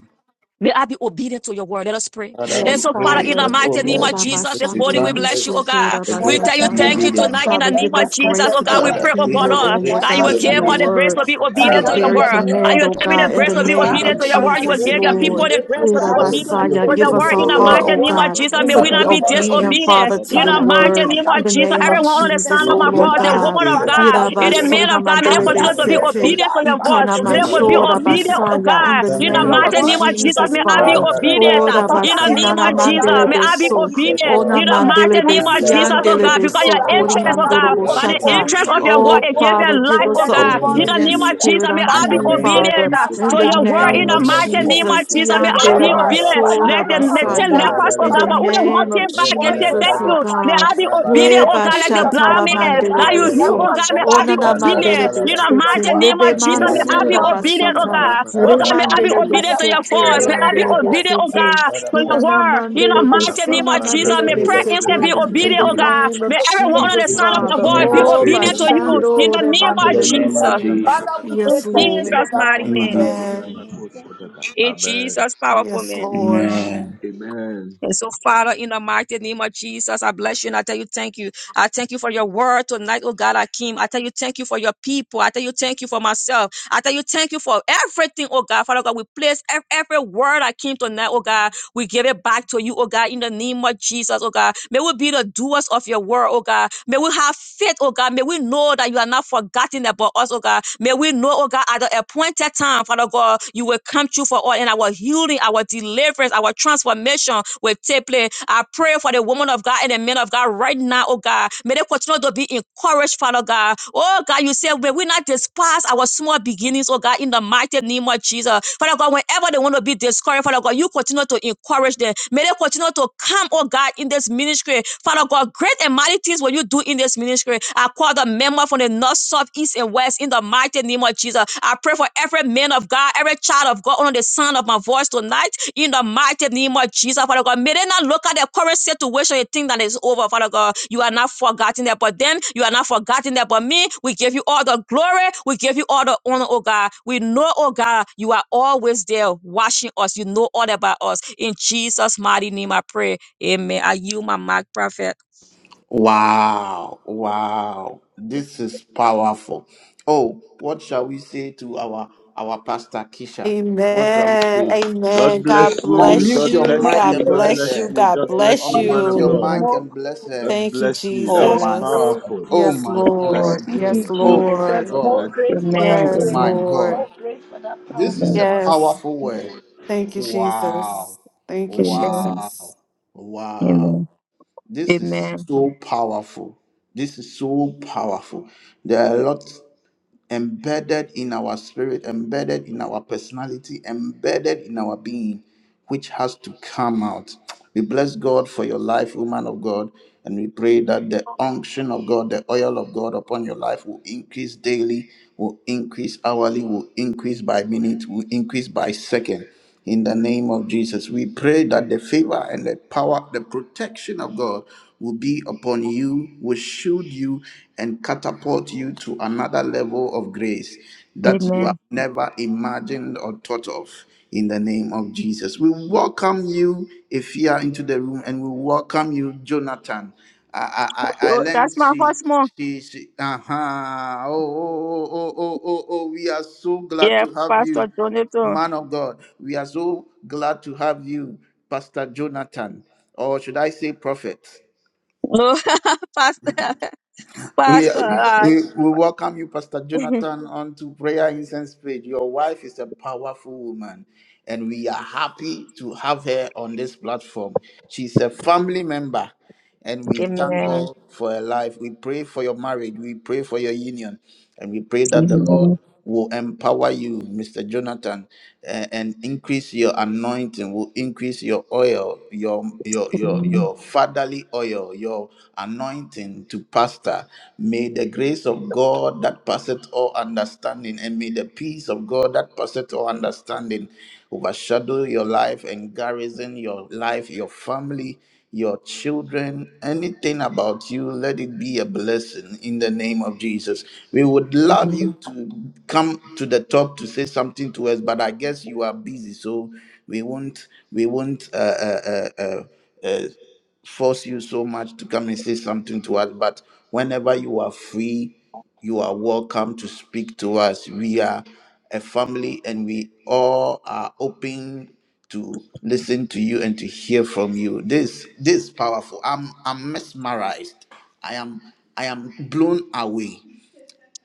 May I be obedient to your word. Let us pray. Father, And we Yes, so, pray Father, in the Father. that, O mighty name of Lord Jesus, Jesus, this you morning we grant bless you, oh us God. the We grace Father, tell you to in be the Yirabashandiribisukurabasatraya. thank name you obedient. tonight in the Father, name give of us Jesus, grace oh to be God. We Father, pray, oh give God, us obedient, oh the Lord, Lord grace that to you will God, be to your give all the obedient. grace word, to be to your obedient to your very word. And rabba. command, you of will oh give me God, the in Jesus, grace the to Father, oh be God, give name us of obedient to the your word. grace Father, to You will be Jesus, give give your us the people obedient. Lord. the grace, oh grace to We be God, to want to be be obedient to Yirabasaya, Give your obedient us to word obedient a in your the to heart, your mighty oh word. name of word God, Jesus. in May to the we Rabba, be not name be rabba, of rabba. obedient, Jesus. Father, disobedient. to We In your the Father, give rebuke mighty word, us name of in that the Jesus, spirit name of disobedience. of everyone on the Jesus, sound of We oh my discernment, Le oh Lord rebuke voice, the the God, God. woman spirit of of makosa Father, God da that and we da the disobedience. will. man raba of da God, may they ba In Have the continue raba that to da name be ba grace, of da oh ba. Yirabasunamandiribisit. obedient Jesus. God, to your Le Father, voice. In to May the they be kapa name will pa be ha of Jesus. obedient, obedient, oh oh raba Ikanamanshorabasaya, God, In God. the In In the kosa the to da name name your of da of mighty name word of raba Jesus. da in Jesus, the ba Jesus, may raba name I be da Father. of ba da ba. Jesus. obedient. uh, Ora In Ra-ba-da-ba-da-ba-da-ba. Father, the Ika pa help name vacina pa of me, na oh Yes, pa God, Jesus, mandele to may Lord. raba be I be beso, obedient kosa Yes, da to obedient. ba your ona In Lord. the raba word. da ba mandele mighty da name Help ba of da me ba. and Jesus, my oh besiandele Man-da-da-da-da-da. God, children, Ika because oh beso, your pa God, Father, pa pa interest, Father, stand oh ha up that coriandolo we God, will us by be the raba the da boshata. ba gift interest to be of obedient to your dosa word da Oh, your obedient. da against word their Father, raba da give life, ba in us oh the the raba In name the God. da name ba In of of da the ba obedient name da of ba. Jesus. Jesus. Jesus, spirit may I unto In Father, be the you, we name of pray, oh Father, obedient uh, God, Jesus. to in the Father, your Ika pa In that word. the In we name ha the of name will of raba be mighty name Jesus. of Jesus. kosa obedient Jesus, da to may da I your da be Tiandele da. word. obedient. Ra-ba-ba-ba-ba. Father, mansora Let Le the, help the us, oh ten basaya, makosa God, da lepers, oh in da God, the Yan-da-da-da-da-da. but Father, for raba only da one ba all name came of these raba back da ba and words, da say, oh ba da Thank Jesus, ba. oh you. Ra-ba-da-ba-da-ba. God, May I God. be Father. You obedient, oh gave Reba God, Ra-ba-da-ba-da-ba like through the your Amen. blind shatala servants, man. and oh mandele God. Like you knew, Help Talabalaba, beso, oh us, God, oh may I God, ona be to na be mandele obedient. You obedient Ratalabalaba, know, to beso, your te mighty name word of lebe Jesus, in the may I name be mansura of Rantalabalaba, obedient, oh basata. Jesus. God. Oh God, may Reba I be Remandele Ratapambilibri, de obedient to your shakadaba, soto, voice. May I be riandele de rabada, rabada. Talabalaba, obedient, oh soto, God, Father, to your cause me unana word. to be You know, In mandele the de name obedient. of mighty name Jesus. suna of Jesus, Take mandele may de away prayer the instant be spirit Father, soto. of we In pray, obedient, the oh oh disobedience. God. God, name of May that everyone we We will be under the Jesus, just sound obedient of to my Father. your continue voice be the word Oh, spirit obedient of in to the you. obedience. mighty In bashando the name name of of In the remandele de name Jesus. of Jesus. soto. Jesus. Father, we In say Yes, thank you, oh Lord. Jesus' God. mighty In name. Jesus' Amen. name. Amen. In Jesus' powerful Yes, name. Lord. Amen. Amen. And so, Father, in the mighty name of Jesus, I bless you and I tell you thank you. I thank you for your word tonight, oh God, Akim. I tell you thank you for your people. I tell you thank you for myself. I tell you thank you for everything, oh God. Father God, we place ev- every word I came tonight, oh God. We give it back to you, oh God, in the name of Jesus, oh God. May we be the doers of your word, oh God. May we have faith, oh God. May we know that you are not forgotten about us, oh God. May we know, oh God, at the appointed time, Father God, you will come true for all and our healing, our deliverance, our transformation will take place. I pray for the woman of God and the men of God right now, oh God. May they continue not to be encouraged, Father God. Oh God, you said, will we not despise our small beginnings, oh God, in the mighty name of Jesus. Father God, whenever they want to be discouraged, Father God, you continue to encourage them. May they continue to come, oh God, in this ministry. Father God, great and mighty things will you do in this ministry. I call the member from the north, south, east, and west in the mighty name of Jesus. I pray for every man of God, every child of God, under the sound of my voice tonight, in the mighty name of Jesus, Father God. May they not look at their current situation and think that it's over, Father God. You are not forgotten there, but them, you are not forgotten there, but me. We give you all the glory, we give you all the honor, oh God. We know, oh God, you are always there watching us. You know all about us. In Jesus' mighty name, I pray. Amen. Are you my mic, prophet? Wow, wow, this is powerful. Oh, what shall we say to our our pastor Kisha? What shall Amen. we say? Amen. God bless God Amen. you. bless Unmute God your bless you. More mic God you. and God grace, bless bless bless you. her. you. more God God grace, bless more bless you, man Unmute of your you. God. grace, Amen. mic more and bless grace, God her. Thank you, bless you. That Oh more was my Jesus. grace. God. powerful. Oh Yes, my God God. Amen. bless Lord. you Thank so you, Yes, much. Oh my Jesus. Lord. God More bless God. grace, you. Mother Oh Yes, Grace. my Amen. Lord. God. More grace for that This powerful is a Amen. word. Yes. powerful word. Thank you, Jesus. Wow. Thank you, Amen. Wow. Jesus. Wow. Amen. This is Amen. so powerful. This is so powerful. There are a lot embedded in our spirit, embedded in our personality, embedded in our being, which has to come out. We bless God for your life, woman of God, and we pray that the unction of God, the oil of God upon your life will increase daily, will increase hourly, will increase by minute, will increase by second in the name of Jesus. We pray that the favor and the power, the protection of God will be upon you, will shield you, and catapult you to another level of grace that you Amen. have never imagined or thought of in the name of Jesus. We welcome you, Ifia, into the room, and we welcome you, Jonathan. I, I, I I So that's learned my she, husband. she, she, uh-huh. oh, oh, oh, oh, oh, oh, oh, we are so glad Yeah, to have you. Pastor Jonathan. Man of God, we are so glad to have you, Pastor Jonathan, or should I say prophet? No, Pastor, We, Pastor. Uh, we, we welcome you, Pastor Jonathan, onto Prayer Incense page. Your wife is a powerful woman, and we are happy to have her on this platform. She's a family member, and we amen. thank God for her life. We pray for your marriage, we pray for your union, and we pray that the Lord Amen. will empower you, Mr. Jonathan, a- and increase your anointing, will increase your oil, your your your Amen. your fatherly oil, your anointing to pastor. May the grace of God that passeth all understanding, and may the peace of God that passeth all understanding overshadow your life and garrison your life, your family, your children, anything about you, let it be a blessing in the name of Jesus. We would Amen. love you to come to the top to say something to us, but I guess you are busy, so we won't we won't uh, uh, uh, uh, uh, force you so much to come and say something to us. But whenever you are free you are welcome to speak to us. We are a family and we all are open to listen to you and to hear from you. This this is powerful. I'm I'm mesmerized. I am I am blown away.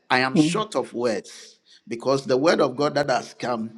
I am short of words because the word of God that has come,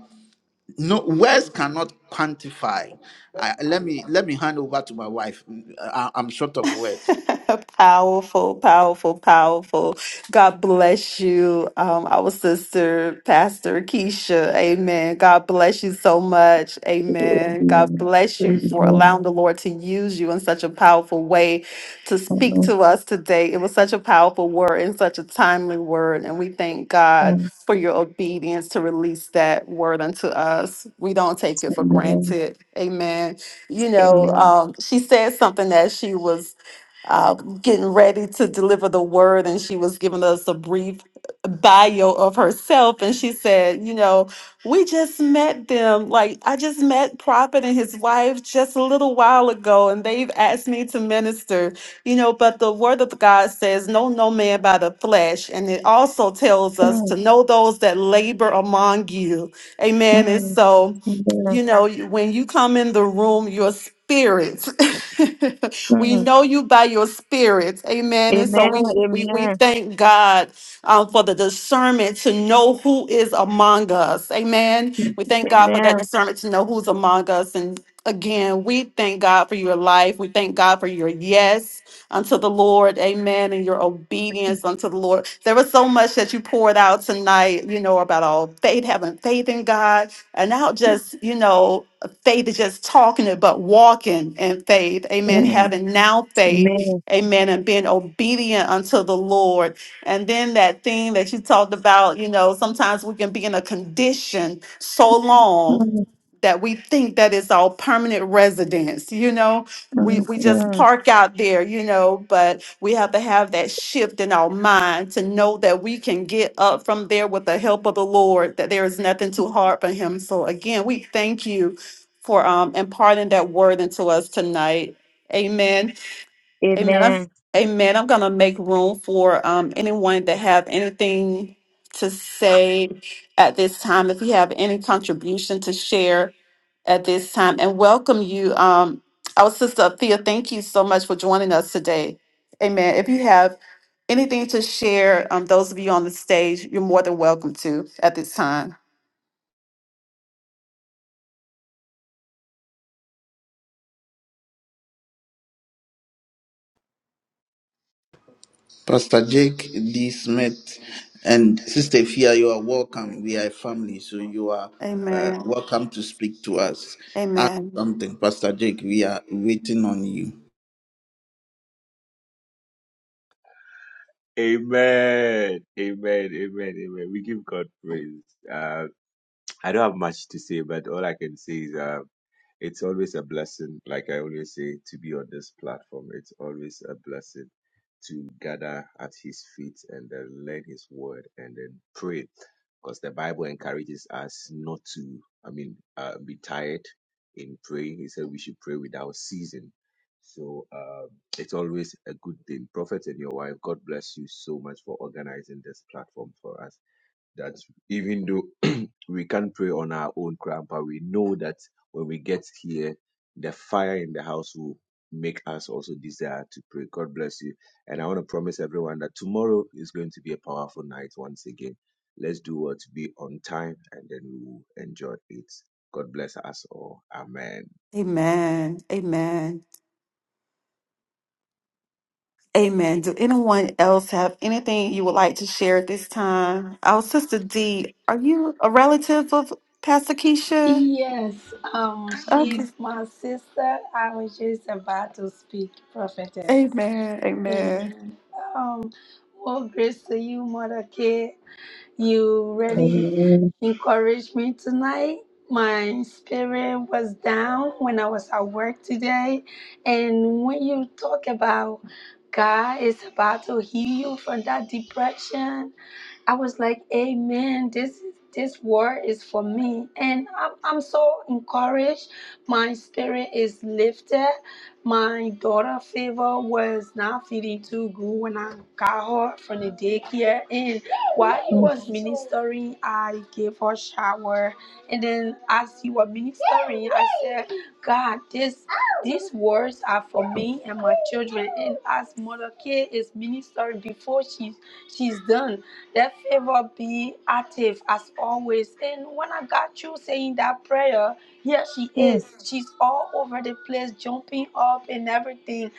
no words cannot quantify. I, let me let me hand over to my wife. I, I'm short of words. powerful, powerful, powerful. God bless you, um, our sister, Pastor Keisha. Amen. God bless you so much. Amen. God bless Amen. you for allowing the Lord to use you in such a powerful way to speak to us today. It was such a powerful word and such a timely word. And we thank God for your obedience to release that word unto us. We don't take it for granted. Amen you know, Amen. um, she said something that she was uh, getting ready to deliver the word, and she was giving us a brief bio of herself. And she said, You know, we just met them. Like, I just met Prophet and his wife just a little while ago, and they've asked me to minister, you know. But the word of God says, Know no man by the flesh. And it also tells us to know those that labor among you. Amen. And so, Amen. Amen. Amen. you know, when you come in the room, your spirit. We Mm, know you by your spirit. Amen. And so we we, we thank God um, for the discernment to know who is among us. Amen. We thank God for that discernment to know who's among us. And again, we thank God for your life. We thank God for your yes unto the Lord. Amen. And your obedience unto the Lord. There was so much that you poured out tonight, you know, about all faith, having faith in God. And now just, you know, faith is just talking it, but walking in faith. Amen. Having now faith. Amen. And being obedient unto the Lord. And then that thing that you talked about, you know, sometimes we can be in a condition so long that we think that is our permanent residence, you know? We, we just mm, park out there, you know, but we have to have that shift in our mind to know that we can get up from there with the help of the Lord, that there is nothing too hard for Him. So, again, we thank you for um, imparting that word into us tonight. Amen. Amen. I've- Amen. Mm. Amen. Amen. I'm going to make room for um, anyone that have anything to say at this time. If you have any contribution to share at this time, and welcome you, um, our sister Thea. Thank you so much for joining us today. Amen. If you have anything to share, um, those of you on the stage, you're more than welcome to at this time. Pastor Jake D. Smith and Sister Fia, you are welcome. We are a family, so you are uh, Amen. welcome to speak to us. Ask Amen. something, Pastor Jake. We are waiting on you. Amen. Amen. Amen. Amen. We give God praise. Uh, I don't have much to say, but all I can say is uh, it's always a blessing. Like I always say, to be on this platform, it's always a blessing to gather at his feet and then learn his word and then pray. Because the Bible encourages us not to, I mean, uh, be tired in praying. He said we should pray without ceasing. So um, it's always a good thing. Prophet and your wife, God bless you so much for organizing this platform for us. That even though we can't pray on our own, grandpa, we know that when we get here, the fire in the house will make us also desire to pray. God bless you. And I want to promise everyone that tomorrow is going to be a powerful night once again. Let's do what? Be on time and then we will enjoy it. God bless us all. Amen. Amen. Amen. Amen. Do anyone else have anything you would like to share at this time? Our sister D, are you a relative of Pastor Keisha? Yes, um, Okay. she's my sister. I was just about to speak, prophetess. Amen. Amen. Amen. Um, more grace to you, Mother K. You Amen. really Amen. encouraged me tonight. My spirit was down when I was at work today. And when you talk about God is about to heal you from that depression, I was like, Amen. This is this word is for me. And I'm, I'm so encouraged. My spirit is lifted. My daughter favor was not feeling too good when I got her from the daycare. And while he was ministering, I gave her shower. And then as he was ministering, I said, God, this these words are for me and my children. And as Mother K is ministering before she's she's done. Let favor be active as always. And when I got you saying that prayer, here she Mm, is. She's all over the place, jumping up and everything.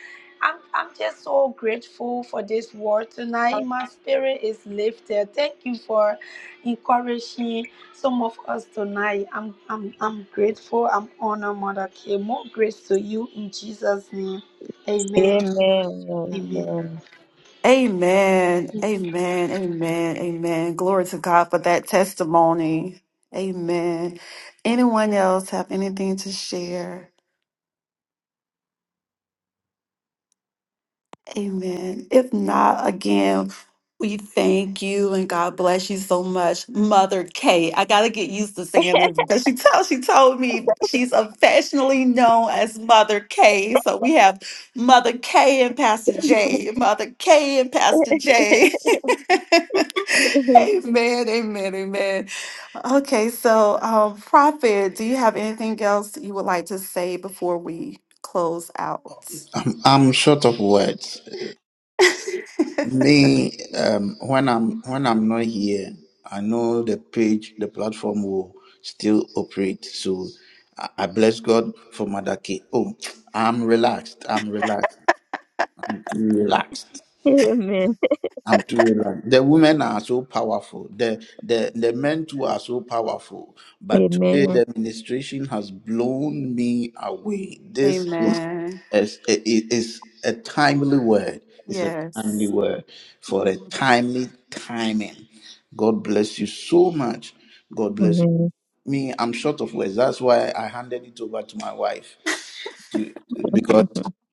I'm, I'm just so grateful for this word tonight. My spirit is lifted. Thank you for encouraging some of us tonight. I'm I'm I'm grateful. I'm honored, Mother K. More grace to you in Jesus' name. Amen. Amen. Mm, mm, Amen. mm. Amen. Amen. Mm, Amen. Amen. Amen. Amen. Glory to God for that testimony. Amen. Anyone else have anything to share? Amen. If not, again, we thank you and God bless you so much, Mother Kay. I gotta get used to saying this because she tells she told me she's affectionately known as Mother Kay. So we have Mother Kay and Pastor J, Mother Kay and Pastor J. mm. Amen. Amen. amen, amen, amen. Okay, so um, Prophet, do you have anything else you would like to say before we close out? I'm, I'm short of words. Me, um, when I'm when I'm not here, I know the page, the platform will still operate. So I, I bless God for Mother K. Oh, I'm relaxed. I'm relaxed. Relaxed. I'm too like the women are so powerful. The the the men too are so powerful. But today the administration has blown me away. This is Amen. is it is a timely word. It's a timely Yes. word for a Amen. timely timing. God bless you so much. God bless you. Me, I'm short of words. That's why I handed it over to my wife because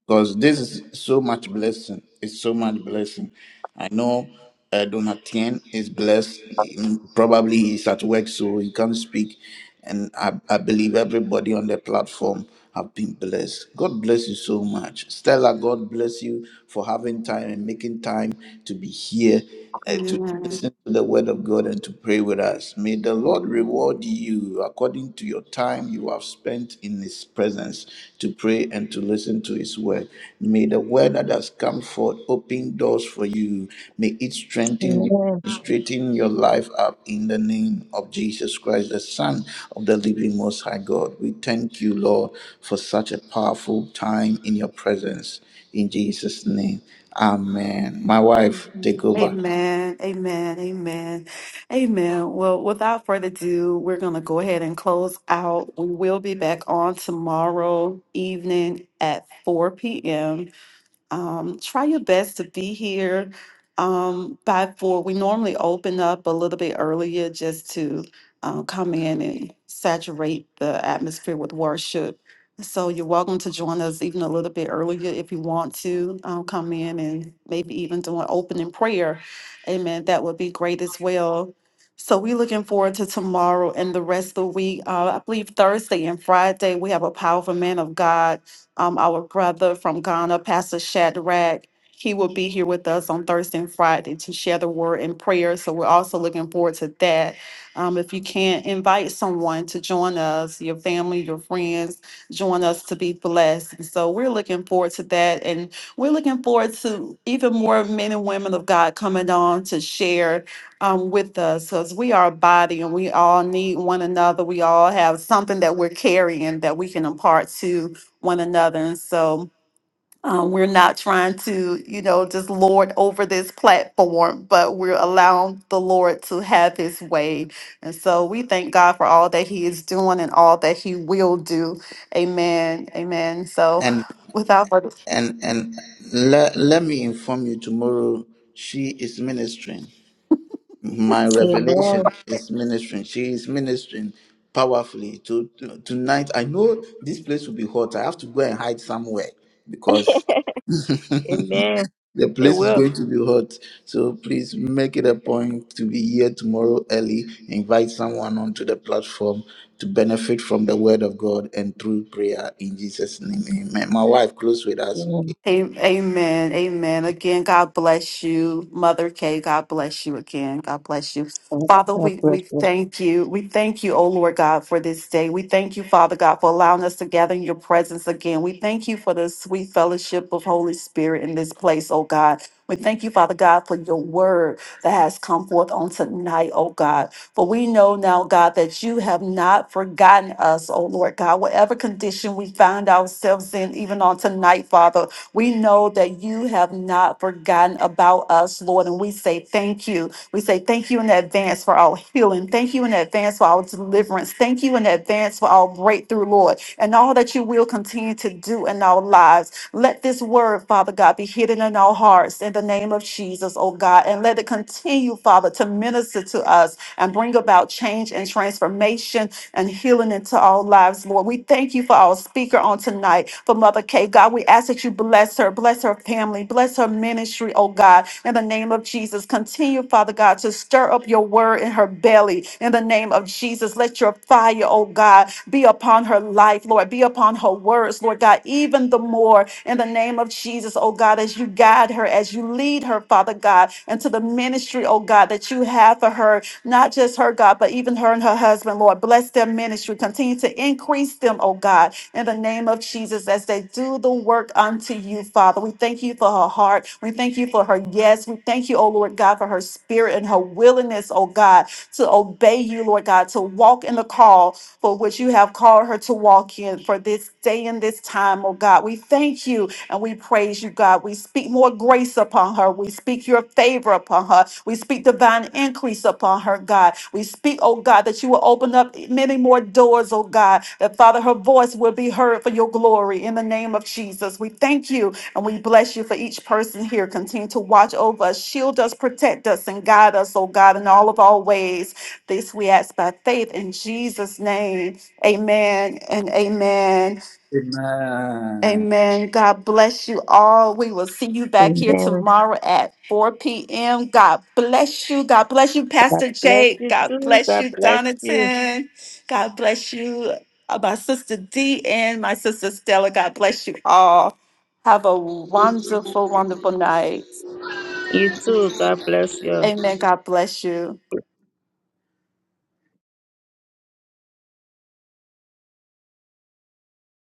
because this is so much blessing. It's so much blessing. I know uh, Donatien is blessed. Mm, Probably he's at work, so he can't speak. And I, I believe everybody on the platform have been blessed. God bless you so much, Stella. God bless you for having time and making time to be here eh, to Amen. listen to the word of God and to pray with us. May the Lord reward you according to your time you have spent in His presence to pray and to listen to His word. May the word that has come forth open doors for you. May it Amen. strengthen you. Amen. Straighten your life up in the name of Jesus Christ, the Son of the Living Most High God. We thank you, Lord, for such a powerful time in your presence. In Jesus' name, Amen. My wife, take Amen. over. Amen. Amen. Amen. Well, without further ado, we're going to go ahead and close out. We will be back on tomorrow evening at 4 p.m. um, try your best to be here um, by four. We normally open up a little bit earlier just to uh, come in and saturate the atmosphere with worship. So you're welcome to join us even a little bit earlier if you want to um, come in and maybe even do an opening prayer. Amen. That would be great as well. So we're looking forward to tomorrow and the rest of the week. Uh, I believe Thursday and Friday we have a powerful man of God um, our brother from Ghana, Pastor Shadrach. He will be here with us on Thursday and Friday to share the word and prayer. So we're also looking forward to that. Um, if you can, invite someone to join us, your family, your friends, join us to be blessed. And so we're looking forward to that. And we're looking forward to even more men and women of God coming on to share um, with us because we are a body and we all need one another. We all have something that we're carrying that we can impart to one another. And so um, we're not trying to, you know, just lord over this platform, but we're allowing the Lord to have his way. And so we thank God for all that he is doing and all that he will do. Amen. Amen. So And without further and and le, let me inform you tomorrow she is ministering. My Amen. revelation is ministering. She is ministering powerfully. To, to- tonight I know this place will be hot. I have to go and hide somewhere because Amen. the It place is will. going to be hot. So please make it a point to be here tomorrow early. Invite someone onto the platform to benefit from the word of God and through prayer in Jesus' name. Amen. My wife, close with us. Amen. A- Amen. Amen. Again, God bless you, Mother Kay. God bless you again. God bless you. Father, God we, we bless you. thank you. We thank you, oh Lord God, for this day. We thank you, Father God, for allowing us to gather in your presence again. We thank you for the sweet fellowship of Holy Spirit in this place, oh God. We thank you, Father God, for your word that has come forth on tonight, oh God. For we know now, God, that you have not forgotten us, oh Lord God, whatever condition we find ourselves in, even on tonight, Father. We know that you have not forgotten about us, Lord, and we say thank you. We say thank you in advance for our healing. Thank you in advance for our deliverance. Thank you in advance for our breakthrough, Lord, and all that you will continue to do in our lives. Let this word, Father God, be hidden in our hearts in the name of Jesus, oh God, and let it continue, Father, to minister to us and bring about change and transformation and healing into all lives, Lord. We thank you for our speaker on tonight, for Mother Kay. God, we ask that you bless her, bless her family, bless her ministry, oh God, in the name of Jesus. Continue, Father God, to stir up your word in her belly, in the name of Jesus. Let your fire, oh God, be upon her life, Lord, be upon her words, Lord God, even the more in the name of Jesus, oh God, as you guide her, as you lead her, Father God, into the ministry, oh God, that you have for her not just her, God, but even her and her husband, Lord. Bless their ministry. Continue to increase them, oh God, in the name of Jesus as they do the work unto you, Father. We thank you for her heart. We thank you for her yes. We thank you, oh Lord God, for her spirit and her willingness, oh God, to obey you, Lord God, to walk in the call for which you have called her to walk in for this day and this time, oh God. We thank you and we praise you, God. We speak more grace upon her. We speak your favor upon her. We speak divine increase upon her, God. We speak, oh God, that you will open up many more doors, oh God, that Father, her voice will be heard for your glory in the name of Jesus. We thank you and we bless you for each person here. Continue to watch over us, shield us, protect us, and guide us, oh God, in all of our ways. This we ask by faith in Jesus' name. Amen and amen. Amen. Amen. God bless you all. We will see you back here Amen. tomorrow at 4 p.m. God bless you. God bless you, God Pastor bless Jake. you God too. bless God you, bless you. Donatan. God bless you, uh, my sister D and my sister Stella. God bless you all. Have a wonderful, wonderful night. You too. God bless you. Amen. God bless you.